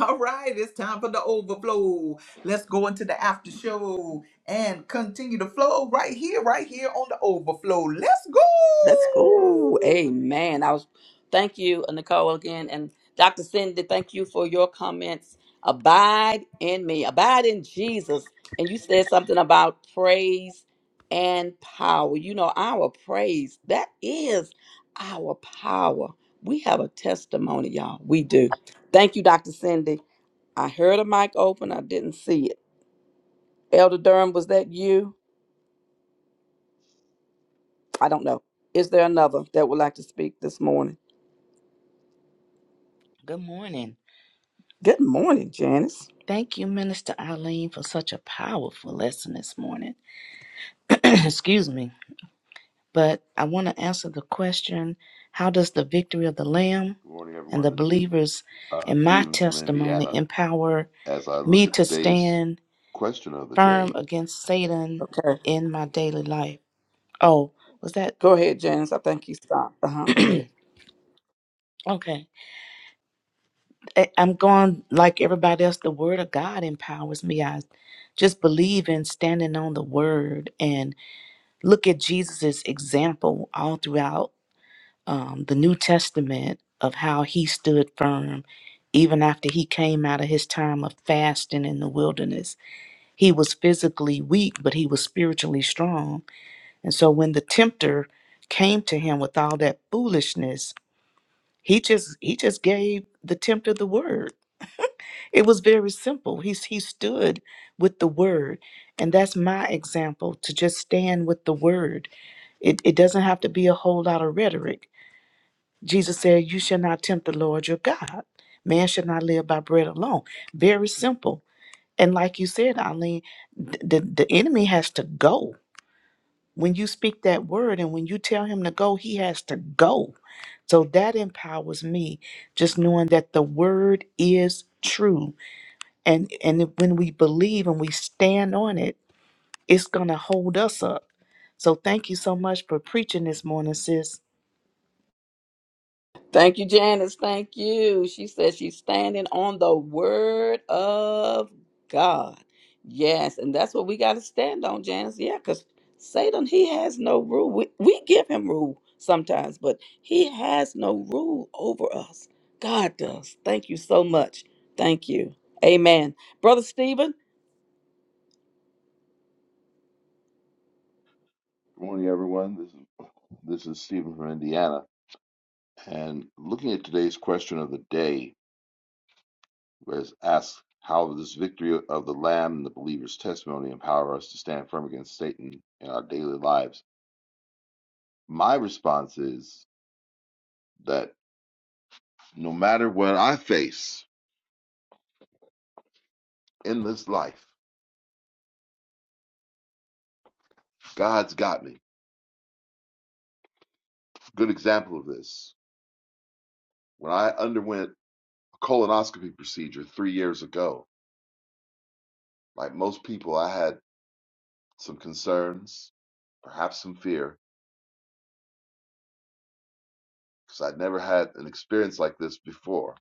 All right, it's time for the overflow. Let's go into the after show and continue the flow right here, right here on the overflow. Let's go.
That's cool. Amen. I was thank you, uh, Nicole, again. And Dr. Cindy, thank you for your comments. Abide in me. Abide in Jesus. And you said something about praise and power. You know, our praise, that is our power. We have a testimony, y'all. We do. Thank you, Dr. Cindy. I heard a mic open. I didn't see it. Elder Durham, was that you? I don't know. Is there another that would like to speak this morning?
Good morning.
Good morning, Janice.
Thank you, Minister Eileen, for such a powerful lesson this morning. Excuse me. But I want to answer the question how does the victory of the Lamb
Good morning,
and
everyone.
the
This is
believers
uh,
in my
Stephen from
testimony
Indiana.
empower
As I look
me
at
to
today's
stand
question of the
firm
day,
against Satan
Okay.
in my daily life? Oh, was that
Go ahead, Janice. I think you stopped. Uh huh. Go ahead.
okay? I- I'm going like everybody else. The Word of God empowers me. I just believe in standing on the Word Look at Jesus' example all throughout um, the New Testament of how he stood firm even after he came out of his time of fasting in the wilderness. He was physically weak, but he was spiritually strong. And so when the tempter came to him with all that foolishness, he just he just gave the tempter the word. It was very simple. He, he stood with the word. And that's my example to just stand with the word. It, it doesn't have to be a whole lot of rhetoric. Jesus said, You shall not tempt the Lord your God. Man shall not live by bread alone. Very simple. And like you said, Eileen, th- the, the enemy has to go. When you speak that word and when you tell him to go, he has to go. So that empowers me, just knowing that the word is true and and when we believe and we stand on it it's going to hold us up so thank you so much for preaching this morning sis
Thank you, Janice. Thank you. She says she's standing on the word of God. Yes. And that's what we got to stand on, Janice. Yeah. Because Satan, he has no rule. We, we give him rule sometimes, but he has no rule over us. God does. Thank you so much. Thank you. Amen. Brother Stephen.
good morning, everyone. This is this is Stephen from Indiana, and looking at today's question of the day was asked how this victory of the Lamb and the believer's testimony empower us to stand firm against Satan in our daily lives. My response is that no matter what I face in this life, God's got me. Good example of this. When I underwent colonoscopy procedure three years ago. Like most people, I had some concerns, perhaps some fear, because I'd never had an experience like this before.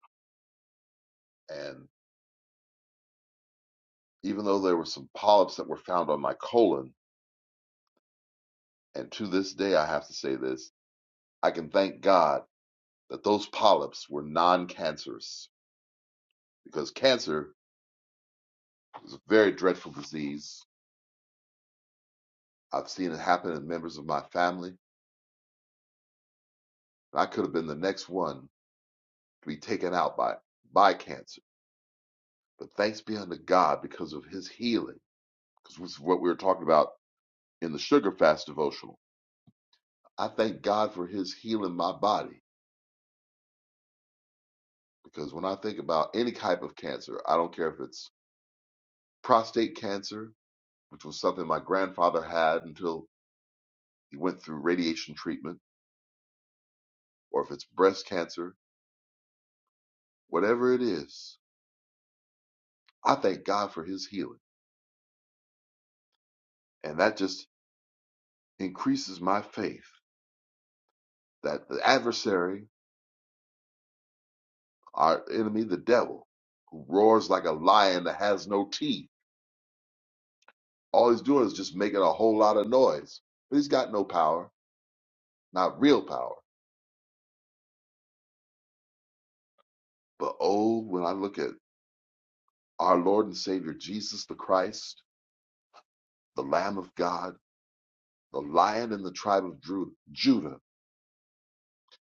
And even though there were some polyps that were found on my colon, and to this day, I have to say this, I can thank God that those polyps were non cancerous, because cancer is a very dreadful disease. I've seen it happen in members of my family, and I could have been the next one to be taken out by, by cancer But thanks be unto God because of his healing, because this is what we were talking about in the sugar fast devotional. I thank God for his healing my body because when I think about any type of cancer, I don't care if it's prostate cancer, which was something my grandfather had until he went through radiation treatment, or if it's breast cancer, whatever it is, I thank God for his healing. And that just increases my faith that the adversary Our enemy, the devil, who roars like a lion that has no teeth. All he's doing is just making a whole lot of noise. But he's got no power, not real power. But oh, when I look at our Lord and Savior Jesus the Christ, the Lamb of God, the lion in the tribe of Dru- Judah.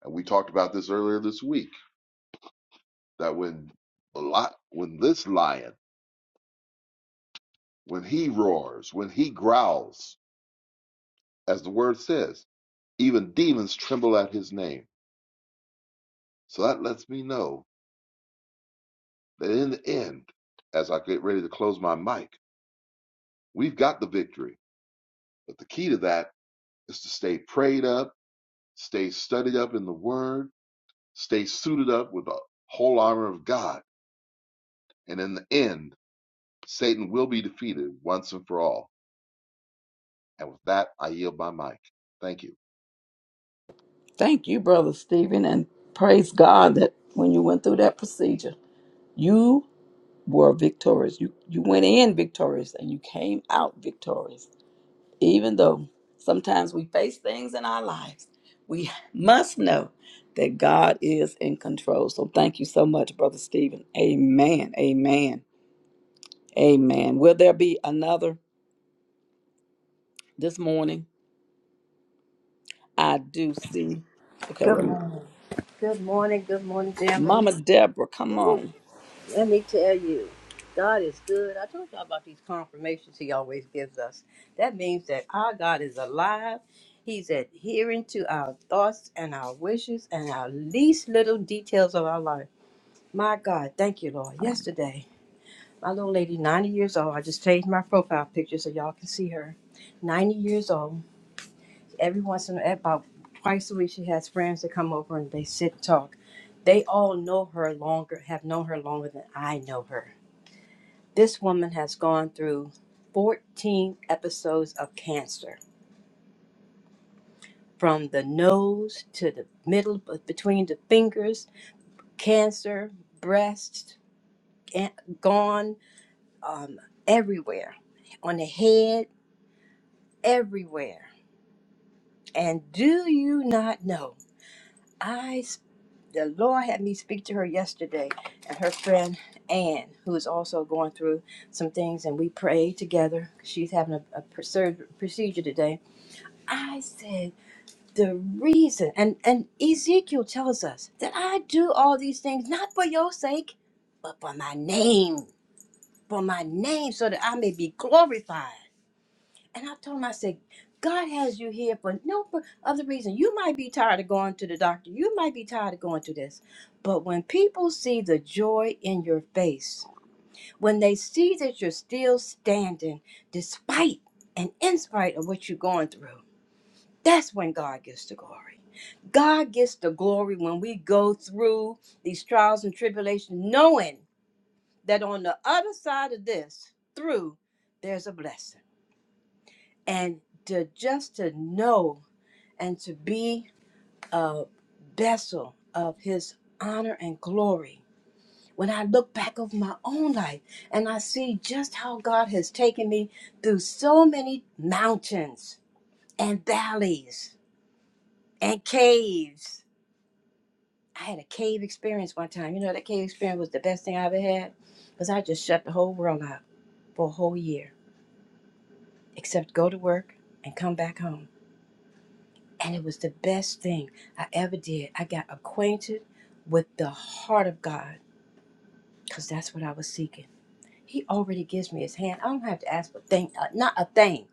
And we talked about this earlier this week that when the li- when this lion, when he roars, when he growls, as the word says, even demons tremble at his name. So that lets me know That in the end, as I get ready to close my mic, we've got the victory. But the key to that is to stay prayed up, stay studied up in the Word, stay suited up with the whole armor of God. And in the end, Satan will be defeated once and for all. And with that, I yield my mic. Thank you.
Thank you, Brother Stephen, and praise God that when you went through that procedure, you were victorious. You you went in victorious and you came out victorious. Even though sometimes we face things in our lives, we must know that God is in control. So thank you so much, Brother Stephen. Amen. Amen. Amen. Will there be another this morning? I do see. Okay, wait
Good
a minute.
morning. Good morning. Good morning, family.
Mama Deborah, come on.
Let me tell you, God is good. I told y'all about these confirmations He always gives us. That means that our God is alive. He's adhering to our thoughts and our wishes and our least little details of our life. My God, thank you, Lord. Yesterday, my little lady, 90 years old, I just changed my profile picture so y'all can see her. 90 years old. every once in about twice a week she has friends that come over and they sit and talk they all know her longer have known her longer than i know her this woman has gone through 14 episodes of cancer from the nose to the middle but between the fingers cancer breast and gone um, everywhere on the head everywhere and do you not know I. the Lord had me speak to her yesterday and her friend Ann, who is also going through some things, and we prayed together. She's having a, a pr- sur- procedure today. I said, the reason, and, and Ezekiel tells us that I do all these things not for your sake, but for my name, for my name, so that I may be glorified. And I told him, I said, God has you here for no p- other reason. You might be tired of going to the doctor. You might be tired of going to this. But when people see the joy in your face, when they see that you're still standing despite and in spite of what you're going through, that's when God gets the glory. God gets the glory when we go through these trials and tribulations, knowing that on the other side of this, through, there's a blessing and to just to know and to be a vessel of his honor and glory when i look back over my own life and i see just how god has taken me through so many mountains and valleys and caves i had a cave experience one time you know that cave experience was the best thing i ever had because i just shut the whole world out for a whole year except go to work and come back home And it was the best thing I ever did. I got acquainted with the heart of God because that's what I was seeking. He already gives me his hand. I don't have to ask for thing, uh, not a thing.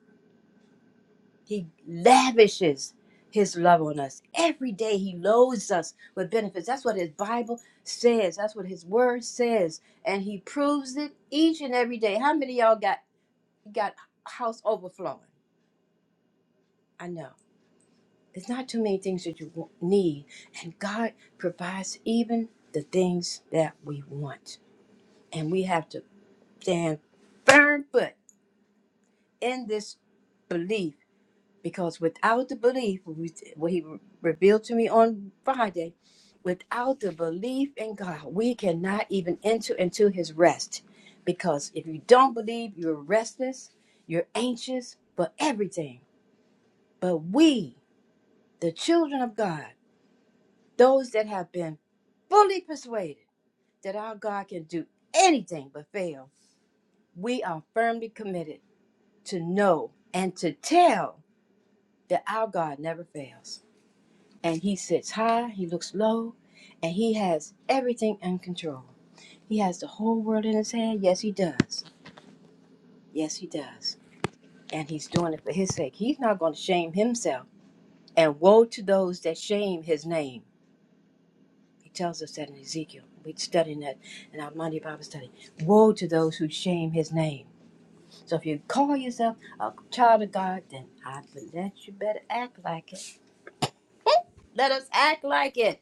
He lavishes his love on us. Every day he loads us with benefits. That's what his Bible says. That's what his word says. And he proves it each and every day. How many of y'all got got house overflowing? I know. There's not too many things that you wa- need, and God provides even the things that we want. And we have to stand firm foot in this belief because without the belief, we- what He revealed to me on Friday, without the belief in God, we cannot even enter into His rest. Because if you don't believe, you're restless, you're anxious for everything. But we, the children of God, those that have been fully persuaded that our God can do anything but fail, we are firmly committed to know and to tell that our God never fails. And He sits high, He looks low, and He has everything in control. He has the whole world in His hand. Yes, He does. Yes, He does. And He's doing it for His sake. He's not going to shame Himself. And woe to those that shame His name. He tells us that in Ezekiel. We studying that in our Monday Bible study. Woe to those who shame his name. So if you call yourself a child of God, then I bet you better act like it. Let us act like it.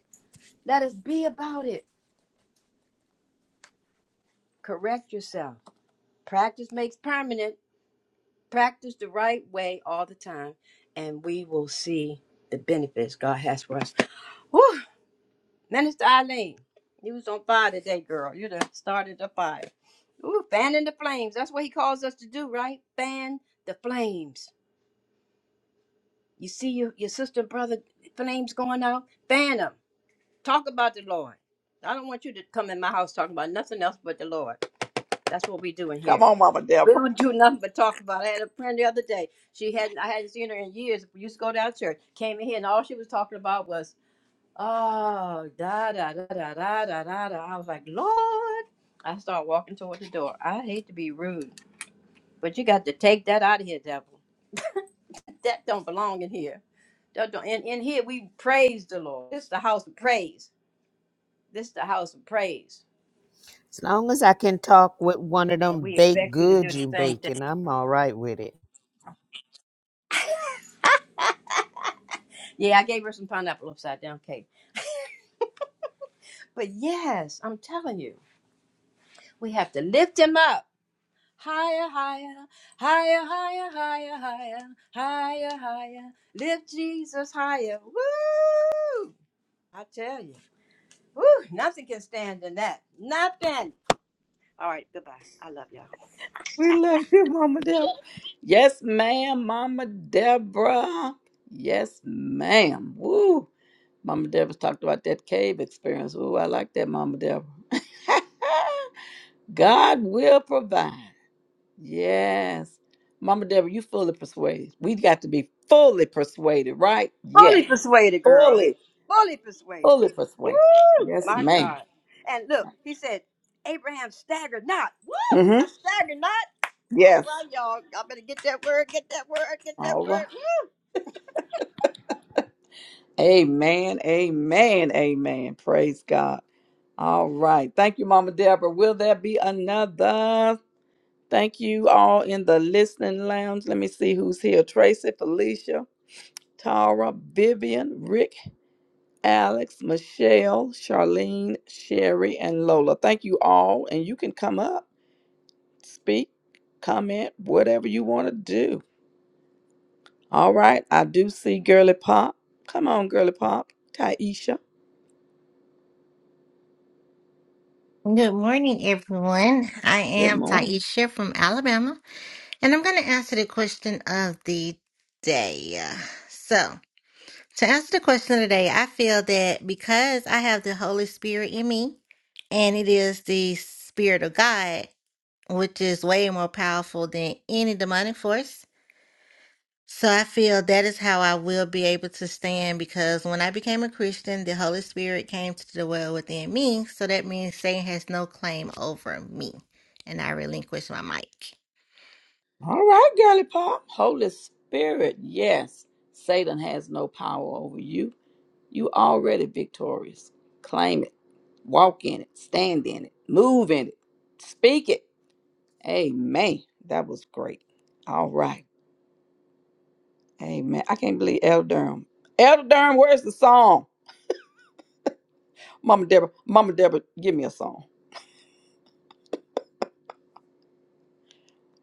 Let us be about it. Correct yourself. Practice makes permanent. Practice the right way all the time, and we will see the benefits God has for us. Whew, Minister Eileen, you was on fire today, girl. You done started the fire. Ooh, fanning the flames. That's what he calls us to do, right? Fan the flames. You see your, your sister and brother flames going out? Fan them. Talk about the Lord. I don't want you to come in my house talking about nothing else but the Lord. That's what we doing
Come
here.
on, Mama
We
Deborah.
don't do nothing but talk about. it. I had a friend the other day. She hadn't I hadn't seen her in years. We used to go down to church. Came in here and all she was talking about was Oh, da da da da da da da da. I was like, Lord. I start walking toward the door. I hate to be rude, but you got to take that out of here, devil. That don't belong in here. That don't, in, in here, we praise the Lord. This is the house of praise. This is the house of praise.
As long as I can talk with one of
And
them
we
baked
expect you to do
goods
the
you
same thing.
baking, I'm all right with it.
Yeah, I gave her some pineapple upside down cake. But yes, I'm telling you, we have to lift him up. Higher, higher, higher, higher, higher, higher, higher, higher. Lift Jesus higher. Woo! I tell you, woo! Nothing can stand in that. Nothing. All right, goodbye. I love y'all.
We love you, Mama Deborah. Yes, ma'am, Mama Deborah. Yes, ma'am. Woo. Mama Deborah's talked about that cave experience. Oh, I like that, Mama Deborah. God will provide. Yes. Mama Deborah, you fully persuaded. We got to be fully persuaded, right? Yes.
Fully persuaded, girl.
Fully,
Fully persuaded.
fully persuaded.
Woo!
Yes,
My
ma'am.
God. And look, he said, Abraham staggered not. Woo! I
Mm-hmm.
staggered not. All
Yes.
right, y'all. Y'all better get that word. Get that word. Get that
All right.
word. Woo!
Amen. Amen. Amen. Praise God. All right. Thank you, Mama Deborah. Will there be another? Thank you all in the listening lounge. Let me see who's here Tracy, Felicia, Tara, Vivian, Rick, Alex, Michelle, Charlene, Sherry, and Lola. Thank you all. And you can come up, speak, comment, whatever you want to do. All right. I do see Girly Pop. Come on, Girly Pop. Taisha.
Good morning, everyone. I
Good
am
morning.
Taisha from Alabama, and I'm going to answer the question of the day. So, to answer the question of the day, I feel that because I have the Holy Spirit in me, and it is the Spirit of God, which is way more powerful than any demonic force. So I feel that is how I will be able to stand because when I became a Christian, the Holy Spirit came to dwell within me. So that means Satan has no claim over me. And I relinquish my mic.
All right, Girly Pop. Holy Spirit. Yes. Satan has no power over you. You already victorious claim it. Walk in it, stand in it, move in it, speak it. Amen. That was great. All right. Amen. I can't believe Elder Durham. Elder Durham, where's the song? Mama Deborah, Mama Deborah, give me a song.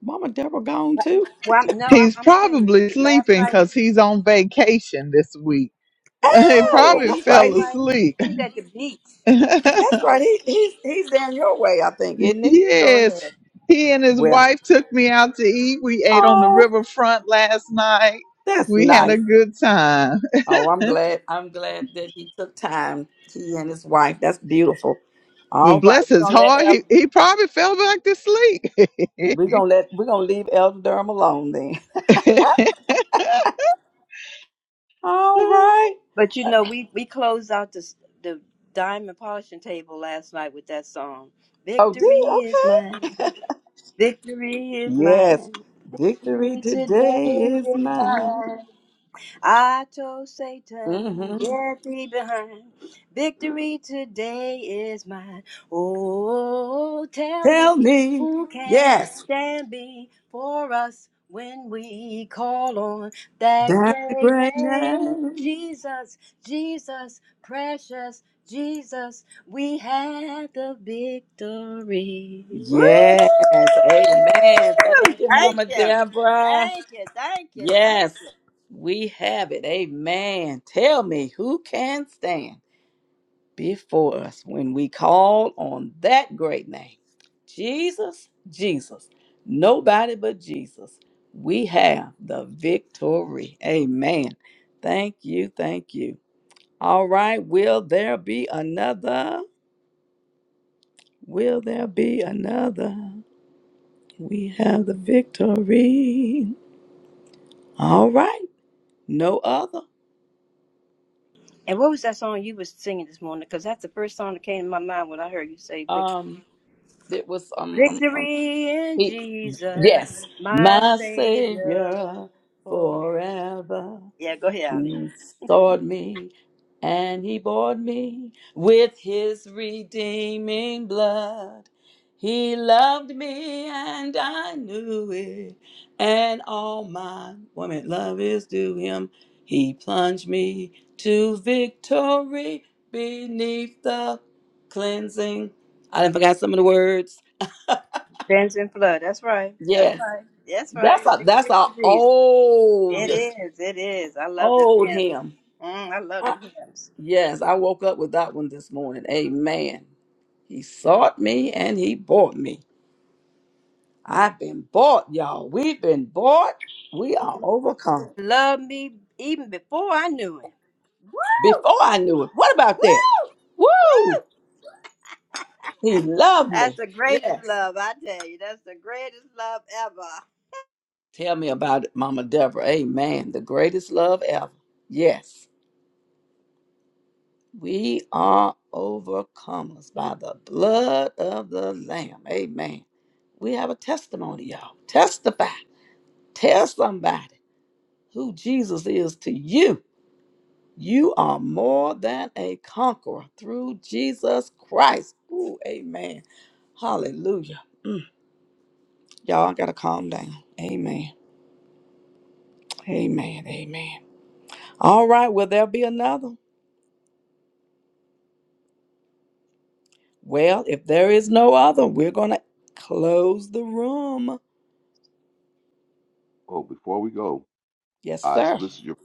Mama Deborah gone too?
Well, I'm, no, I'm,
He's
I'm gonna tell you.
probably
Last
sleeping
night.
because he's on vacation this week. He
Oh
Oh,
yeah,
probably
he's
that's
that's
right.
fell
He,
right.
asleep.
He's at the beach.
that's
Oh,
right. He, he's he's down your way, I think, isn't he?
go
yes,
ahead.
he and his
Well,
wife took me out to eat. We ate on the
oh,
riverfront last night.
that's
We had a
nice.
good time.
Oh, I'm glad. I'm glad that he took time. He and his wife. That's beautiful.
But
All right,
bless
we're
his
gonna let
heart,
Elder.
he, he probably fell back to sleep.
We're gonna let we're gonna leave Elder Durham alone then. All right.
But you know, we we closed out the the diamond polishing table last night with that song.
Oh, did
Victory is
okay.
mine. Victory is
Yes.
mine.
Victory
Victory today
today is
is
mine.
mine. I told Satan,
Mm-hmm.
get thee behind. Victory today is mine. Oh, tell me
Tell me.
who can
Yes.
stand before us when we call on that
That
great
great
name,
name.
Jesus, Jesus, precious Jesus. We had the victory. Woo!
Yes. Amen. Thank you,
Thank
Mama
you.
Deborah.
Thank you. Thank you. Thank you.
Yes. We have it. Amen. Tell me who can stand. before us when we call on that great name. Jesus, Jesus, nobody but Jesus. We have the victory. Amen. Thank you. Thank you. All right. Will there be another? Will there be another? We have the victory. All right. No other.
And what was that song you was singing this morning? Because that's the first song that came to my mind when I heard you say victory.
Um, it was um, um, um
Victory in
He,
Jesus,
yes,
my
my
Savior.
Savior
For
forever.
yeah, go ahead, Ali.
He sought me and he bought me with his redeeming blood. He loved me and I knew it, and all my woman love is due him. He plunged me to victory beneath the cleansing. I done forgot some of the words.
Fence and flood. That's right. That's
Yes.
right. That's right.
That's a that's
Victory
a
in Jesus.
old
It is. It is. I love this
old
hymn.
hymn.
Mm, I love
I,
them hymns.
yes, I woke up with that one this morning. Amen. He sought me and he bought me. I've been bought, y'all. We've been bought. We are overcome.
Love me even before I knew him. Woo!
Before I knew it. What about
Woo!
that? Woo!
Woo!
He loved me.
That's the greatest
Yes.
love, I tell you. That's the greatest love ever.
Tell me about it, Mama Deborah. Amen. The greatest love ever. Yes. We are overcomers by the blood of the Lamb. Amen. We have a testimony, y'all. Testify. Tell somebody who Jesus is to you. You are more than a conqueror through Jesus Christ. Ooh, amen. Hallelujah. Mm, y'all, I got to calm down. Amen. Amen. Amen. All right. Will there be another? Well, if there is no other, we're going to close the room.
Oh, before we go,
Yes,
I
sir.
solicit your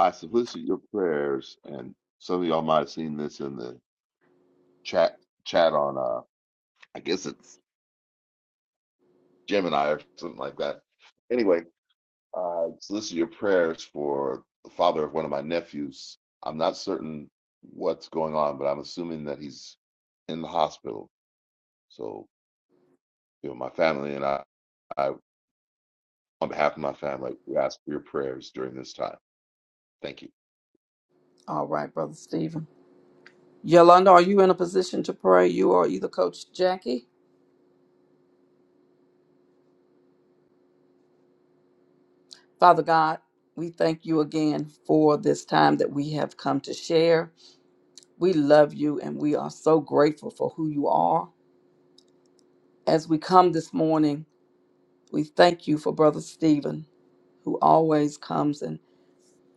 I solicit your prayers, and some of y'all might have seen this in the chat chat on uh I guess it's Gemini or something like that. Anyway, I solicit your prayers for the father of one of my nephews. I'm not certain what's going on, but I'm assuming that he's in the hospital. So, you know, my family and I, I on behalf of my family, we ask for your prayers during this time. Thank you.
All right, Brother Stephen. Yolanda, are you in a position to pray? You or either Coach Jackie? Father God, we thank you again for this time that we have come to share. We love you and we are so grateful for who you are. As we come this morning, we thank you for Brother Stephen, who always comes and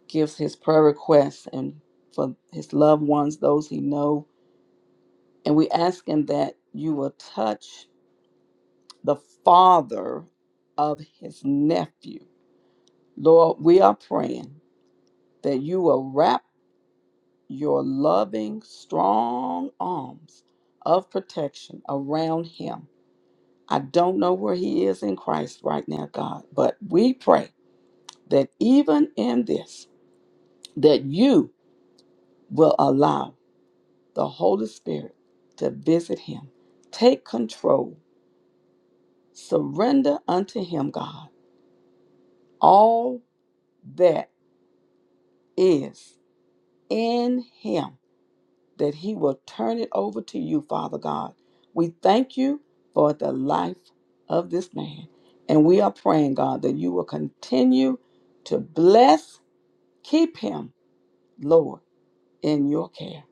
gives his prayer requests and for his loved ones, those he know. And we ask him that you will touch the father of his nephew. Lord, we are praying that you will wrap your loving, strong arms of protection around him. I don't know where he is in Christ right now, God, but we pray that even in this, that you will allow the Holy Spirit to visit him. Take control. Surrender unto him, God, all that is in him that He will turn it over to you, Father God. We thank you for the life of this man. And we are praying, God, that you will continue to bless, keep him, Lord, in your care.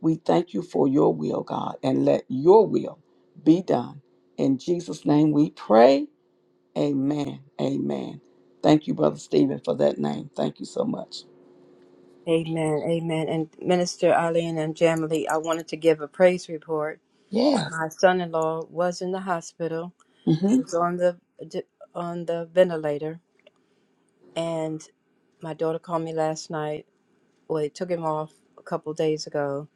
We thank you for your will, God, and let your will be done. In Jesus' name we pray. Amen. Amen. Thank you, Brother Stephen, for that name. Thank you so much.
Amen. Amen. And Minister Eileen and Jamily, I wanted to give a praise report.
Yes.
My son-in-law was in the hospital. He
Mhm.
was on the on the ventilator, and my daughter called me last night. Well, they took him off a couple days ago,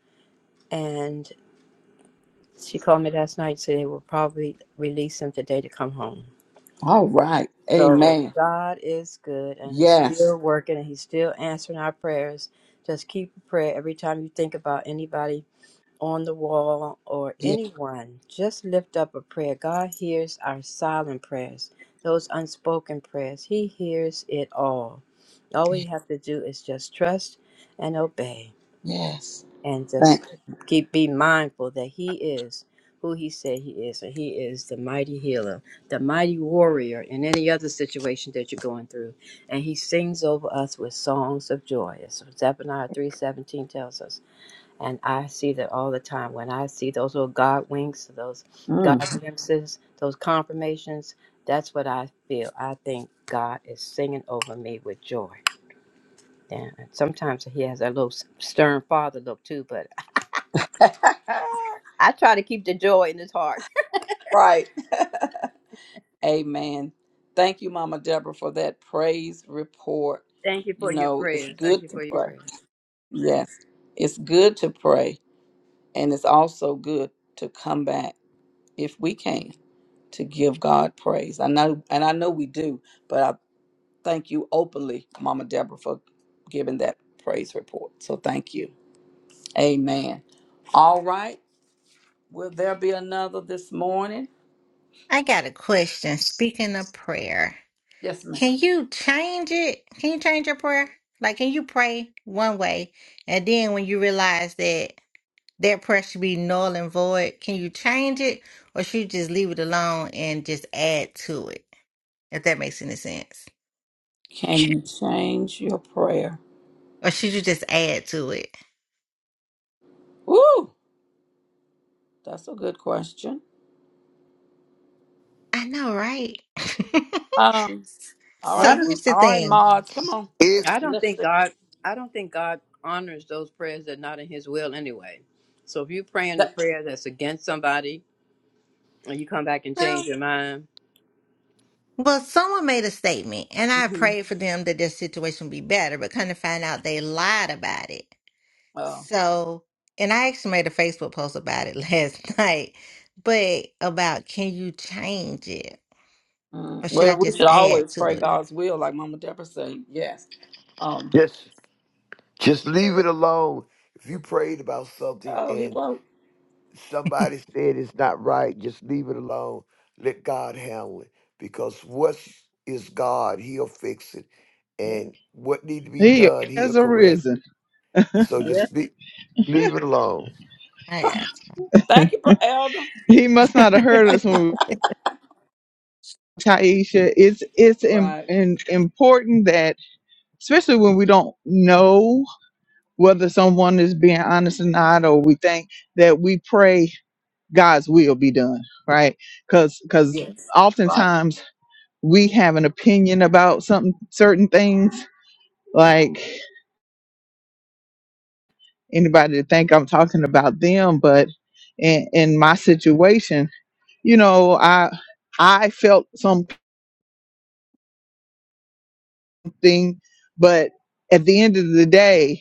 and she called me last night and said they will probably release him today to come home.
All right.
So
Amen.
God is good, and He's
Yes.
still working, and He's still answering our prayers. Just keep a prayer every time you think about anybody on the wall or
Yes.
anyone, just lift up a prayer. God hears our silent prayers, those unspoken prayers. He hears it all. All we have to do is just trust and obey
Yes.
and
Thank
just keep be mindful that he is who he said he is and he is the mighty healer the mighty warrior in any other situation that you're going through and he sings over us with songs of joy as zephaniah 3.17 tells us and I see that all the time. When I see those little God winks, those
you.
God
Mm.
glimpses, those confirmations, that's what I feel. I think God is singing over me with joy. And sometimes He has a little stern father look too, but I try to keep the joy in His heart.
right. Amen. Thank you, Mama Deborah, for that praise report.
Thank you
You
for your
know, it's
prayers. Thank
good
you
to
for your
pray.
prayers.
Yes. It's good to pray. And it's also good to come back if we can to give God praise. I know and I know we do, but I thank you openly, Mama Deborah, for giving that praise report. So thank you. Amen. All right. Will there be another this morning?
I got a question. Speaking of prayer,
Yes, ma'am.
can you change it? Can you change your prayer? Like, can you pray one way? And then when you realize that that prayer should be null and void, can you change it? Or should you just leave it alone and just add to it? If that makes any sense.
Can you change your prayer?
Or should you just add to it?
Ooh, that's a good question.
I know, right?
Um, all
Well, I
so
right,
don't,
here's the
all right,
thing.
mods, come on.
If
I don't think
Listen,
God. I don't think God honors those prayers that are not in His will anyway. So if you're praying a
that,
prayer that's against somebody and you come back and
No.
change your mind,
Well, someone made a statement, and I prayed for them that their situation would be better, but kind of find out they lied about it.
oh,
So, and I actually made a Facebook post about it last night, but about can you change it? Or
mm,
should I
well, we should
just add
always
to
pray
it?
God's will, like Mama Deborah said. Yes. Um.
just just leave it alone. If you prayed about something
Oh, he
and
won't.
somebody said it's not right, just leave it alone. Let God handle it. Because what is God, He'll fix it.
Yeah.
And what need to be
He
done, He'll
has
correct
arisen.
it. So
Yeah.
just be, leave it alone.
I
Thank you, bro- Elder.
He must not have
got
heard
you.
us when we Taisha. It's it's in,
Right.
in, important that, especially when we don't know whether someone is being honest or not, or we think that we pray God's will be done, right? Because because
Yes. Right.
oftentimes we have an opinion about some certain things, like anybody to think I'm talking about them, but in, in my situation, you know, I I felt something, but at the end of the day.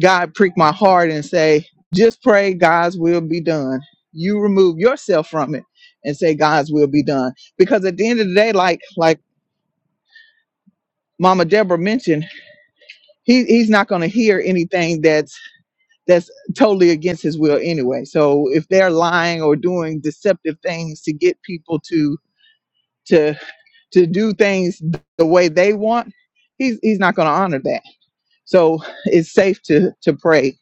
God prick my heart and say, just pray God's will be done. You remove yourself from it and say God's will be done. Because at the end of the day, like like Mama Deborah mentioned, he, he's not gonna hear anything that's that's totally against his will anyway. So if they're lying or doing deceptive things to get people to to to do things the way they want, he's he's not gonna honor that. So it's safe to to pray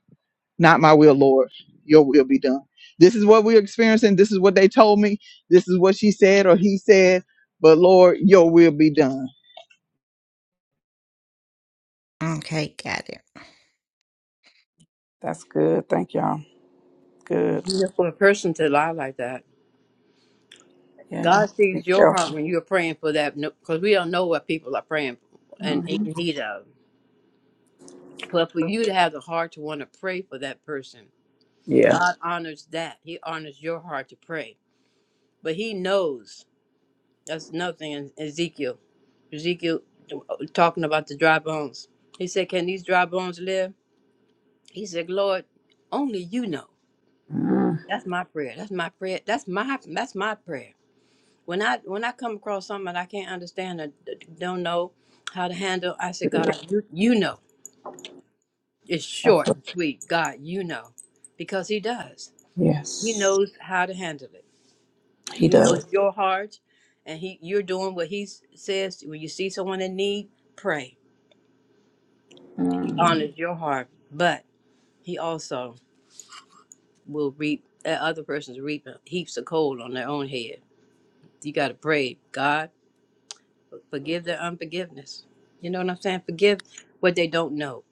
Not my will, Lord. Your will be done. This is what we're experiencing. This is what they told me. This is what she said or he said. But Lord, your will be done.
Okay, got it.
That's good. Thank y'all. Good.
Yeah, for a person to lie like that.
Yeah, you have
God
to be
sees your heart
careful.
when you're praying for that, because we don't know what people are praying for and
hmm
in need of. But for you to have the heart to want to pray for that person,
Yeah.
God honors that. He honors your heart to pray. But He knows that's nothing in Ezekiel. Ezekiel uh, talking about the dry bones. He said, Can these dry bones live? He said, Lord, only you know.
Mm.
That's my prayer. That's my prayer. That's my that's my prayer When I when I come across something I can't understand or d- don't know how to handle, I say, God, you, you know. It's
That's
short
what-
and sweet. God, you know. Because he does. He
Yes,
knows how to handle it.
he
He knows
does.
your heart and he you're doing what he s- says when you see someone in need, pray. He
Mm.
honors your heart. But he also will reap that other person's reaping heaps of coal on their own head. You gotta pray, God, forgive their unforgiveness. You know what I'm saying? Forgive what they don't know.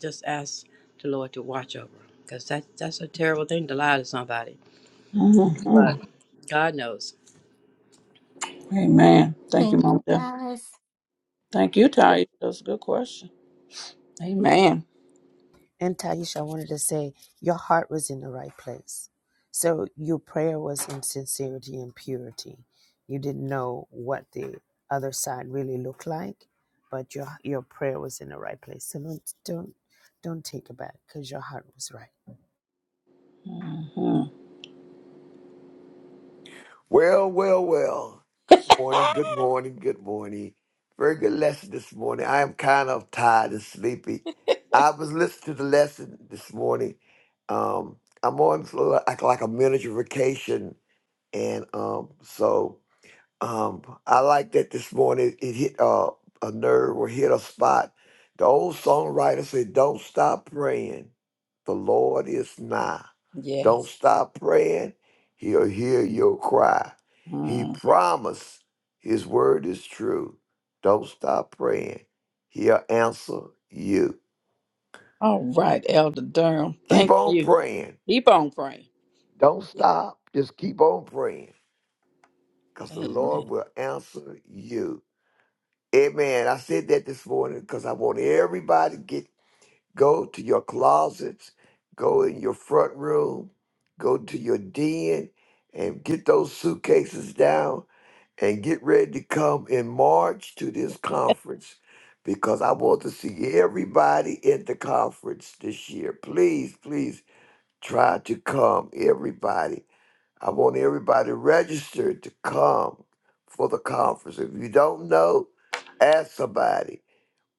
Just ask the Lord to watch over them, because that, that's a terrible thing to lie to somebody. But
Mhm.
God knows.
Amen. Thank you,
Thank
Mama.
you
Deborah.
guys.
Thank you, Ty. That's a good question. Amen.
And Taisha, I wanted to say your heart was in the right place. So your prayer was in sincerity and purity. You didn't know what the other side really looked like, but your your prayer was in the right place. So don't don't don't take it back because your heart was right.
hmm
Well, well, well. Good morning, good morning, good morning. Very good lesson this morning. I am kind of tired and sleepy. I was listening to the lesson this morning. Um, I'm on sort of like, like a miniature vacation, and um, so um, I like that this morning it hit uh, a nerve or hit a spot. The old songwriter said, Don't stop praying. The Lord is nigh. Don't
Yes.
stop praying. He'll hear your cry. He
Mm.
promised his word is true. Don't stop praying. He'll answer you.
All right, Elder Durham.
Keep
Thank
on
you.
praying.
Keep on praying.
Don't
Yeah.
stop. Just keep on praying because the
Amen.
Lord will answer you. Amen. I said that this morning because I want everybody to get go to your closets, go in your front room, go to your den, and get those suitcases down and get ready to come in March to this conference because I want to see everybody at the conference this year. Please, please try to come, everybody. I want everybody registered to come for the conference. If you don't know, ask somebody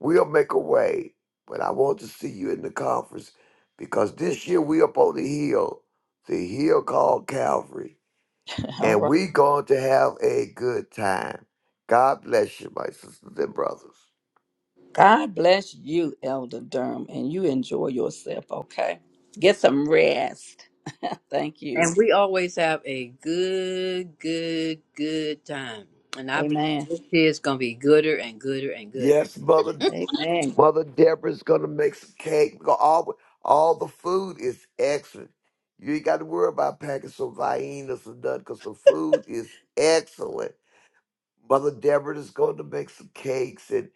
We'll make a way, but I want to see you in the conference because this year we up on the hill, the hill called Calvary,
All
and
right.
we going to have a good time. God bless you, my sisters and brothers.
God bless you, Elder Durham, and you enjoy yourself, okay? Get some rest. Thank you.
And we always have a good, good, good time. And I believe
Amen.
this is going to be gooder and gooder and gooder.
Yes, mother,
Amen.
mother Deborah's gonna make some cake. We gonna- All all the food is excellent. You ain't got to worry about packing some viennas and nothing, cause the food is excellent. Mother Deborah is going to make some cakes, and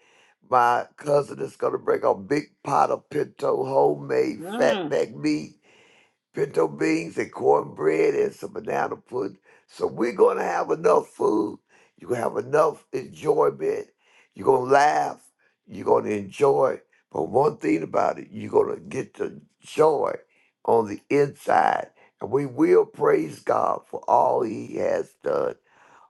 my cousin is going to bring a big pot of pinto homemade
Mm.
fatback meat, pinto beans, and cornbread, and some banana pudding. So we're going to have enough food. You're going to have enough enjoyment. You're going to laugh. You're going to enjoy. But one thing about it, you're going to get the joy on the inside. And we will praise God for all he has done.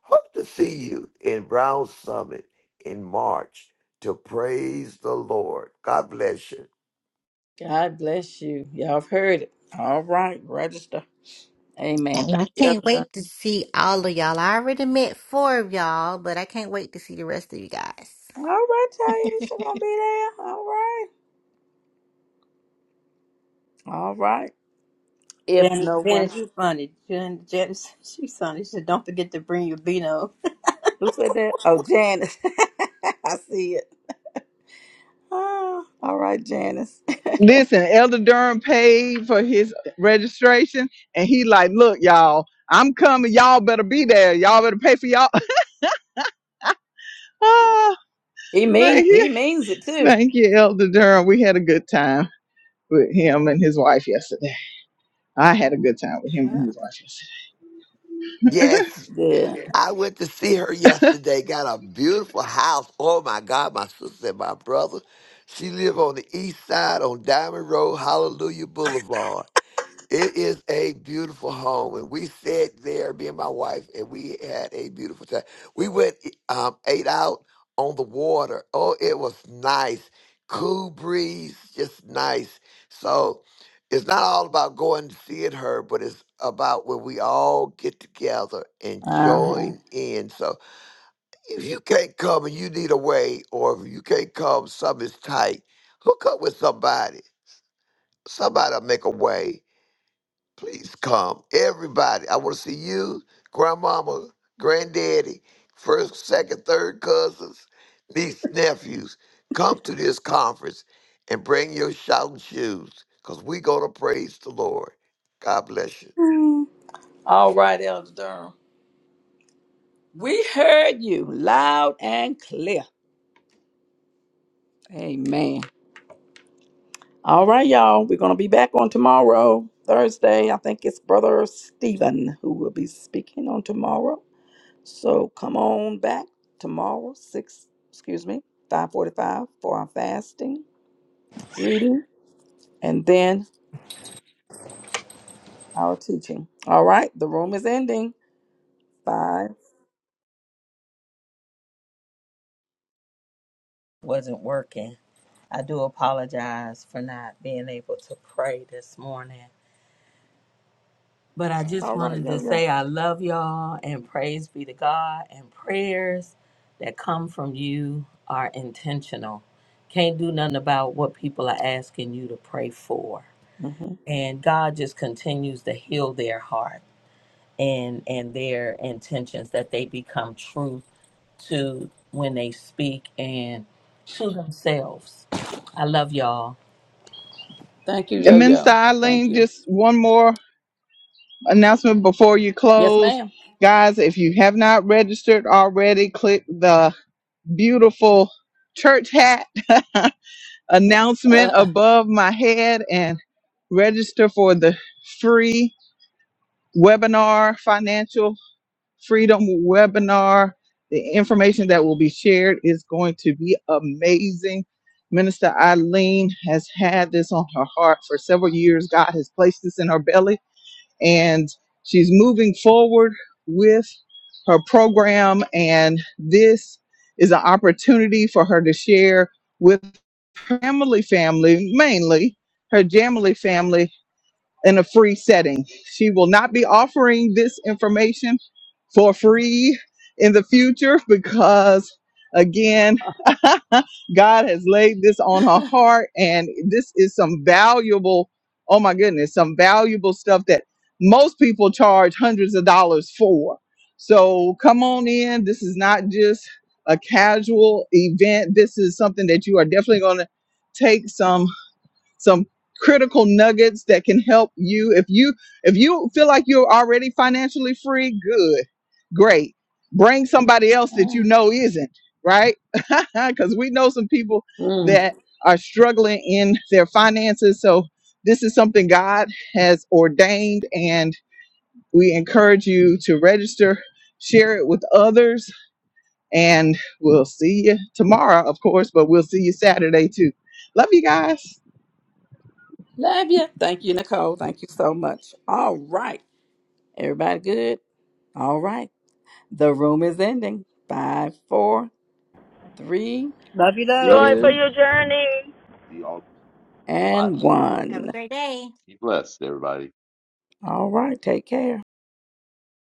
Hope to see you in Brown Summit in March to praise the Lord. God bless you.
God bless you. Y'all have heard it. All right. Register. Amen.
And I
Thank you, Elder
can't
Durham.
wait to see all of y'all. I already met four of y'all, but I can't wait to see the rest of you guys.
All right, Taisha gonna be there. All right. All right. If
Janet,
no one
Janet, you funny. Jan- Janet, she's funny. She said, don't forget to bring your Beano.
who said that? Oh, Janice. I see it. Ah, all right, Janice.
Listen, Elder Durham paid for his registration, and he like, look, y'all, I'm coming. Y'all better be there. Y'all better pay for y'all. oh,
He mean
thank
he
you,
means it too.
thank you, Elder Durham. We had a good time with him and his wife yesterday. I had a good time with him and
Ah,
his wife yesterday.
Yes,
Yeah.
I went to see her yesterday. Got a beautiful house. Oh my God, my sister and my brother. She live on the east side on Diamond Road, Hallelujah Boulevard. It is a beautiful home, and we sat there, me and my wife, and we had a beautiful time. We went, um, ate out on the water. Oh, it was nice, cool breeze, just nice. So, it's not all about going to see it her, but it's about when we all get together and
Uh-huh.
join in. So, if you can't come and you need a way, or if you can't come, something's tight. Hook up with somebody. Somebody'll make a way Please come. Everybody. I want to see you, grandmama, granddaddy, first, second, third cousins, niece, nephews. Come to this conference and bring your shouting shoes because we're going to praise the Lord. God bless you.
Hmm. All right, Elder Durham. We heard you loud and clear. Amen. All right, y'all. We're gonna be back on tomorrow, Thursday. I think it's Brother Stephen who will be speaking on tomorrow. So come on back tomorrow, six, excuse me, five forty-five for our fasting reading and then our teaching. All right, the room is ending. Bye.
wasn't working. I do apologize for not being able to pray this morning. But I just
All right,
wanted to
yo yo.
say I love y'all and praise be to God and prayers that come from you are intentional. Can't do nothing about what people are asking you to pray for.
hmm
And God just continues to heal their heart and and their intentions that they become truth to when they speak and to themselves. I love y'all.
Thank you, yo
And Minister
yo. Thank
Eileen,
you.
just one more. announcement before you
Yes,
close.
ma'am.
Guys, if you have not registered already, click the beautiful church hat announcement
Uh,
above my head and register for the free webinar, financial freedom webinar. The information that will be shared is going to be amazing. Minister Eileen has had this on her heart for several years. God has placed this in her belly and she's moving forward with her program. And this is an opportunity for her to share with her family, family mainly her Jamily family in a free setting. She will not be offering this information for free in the future because, again, God has laid this on her heart, and this is some valuable, oh my goodness, some valuable stuff that most people charge hundreds of dollars for. So come on in. This is not just a casual event, this is something that you are definitely going to. Take some some critical nuggets that can help you if you if you feel like you're already financially free good great bring somebody else that
uh,
you know isn't right because we know some people
mm.
that are struggling in their finances so this is something god has ordained and we encourage you to register share it with others and we'll see you tomorrow of course but we'll see you saturday too love you guys
Love you. Thank you, Nicole. Thank you so much. All right, everybody, good. All right, the room is ending. Five, four, three,
Love you, loads.
Joy for
two,
your journey.
See you all
and
545.
Have
one.
a great day.
Be blessed, everybody.
All right. Take care.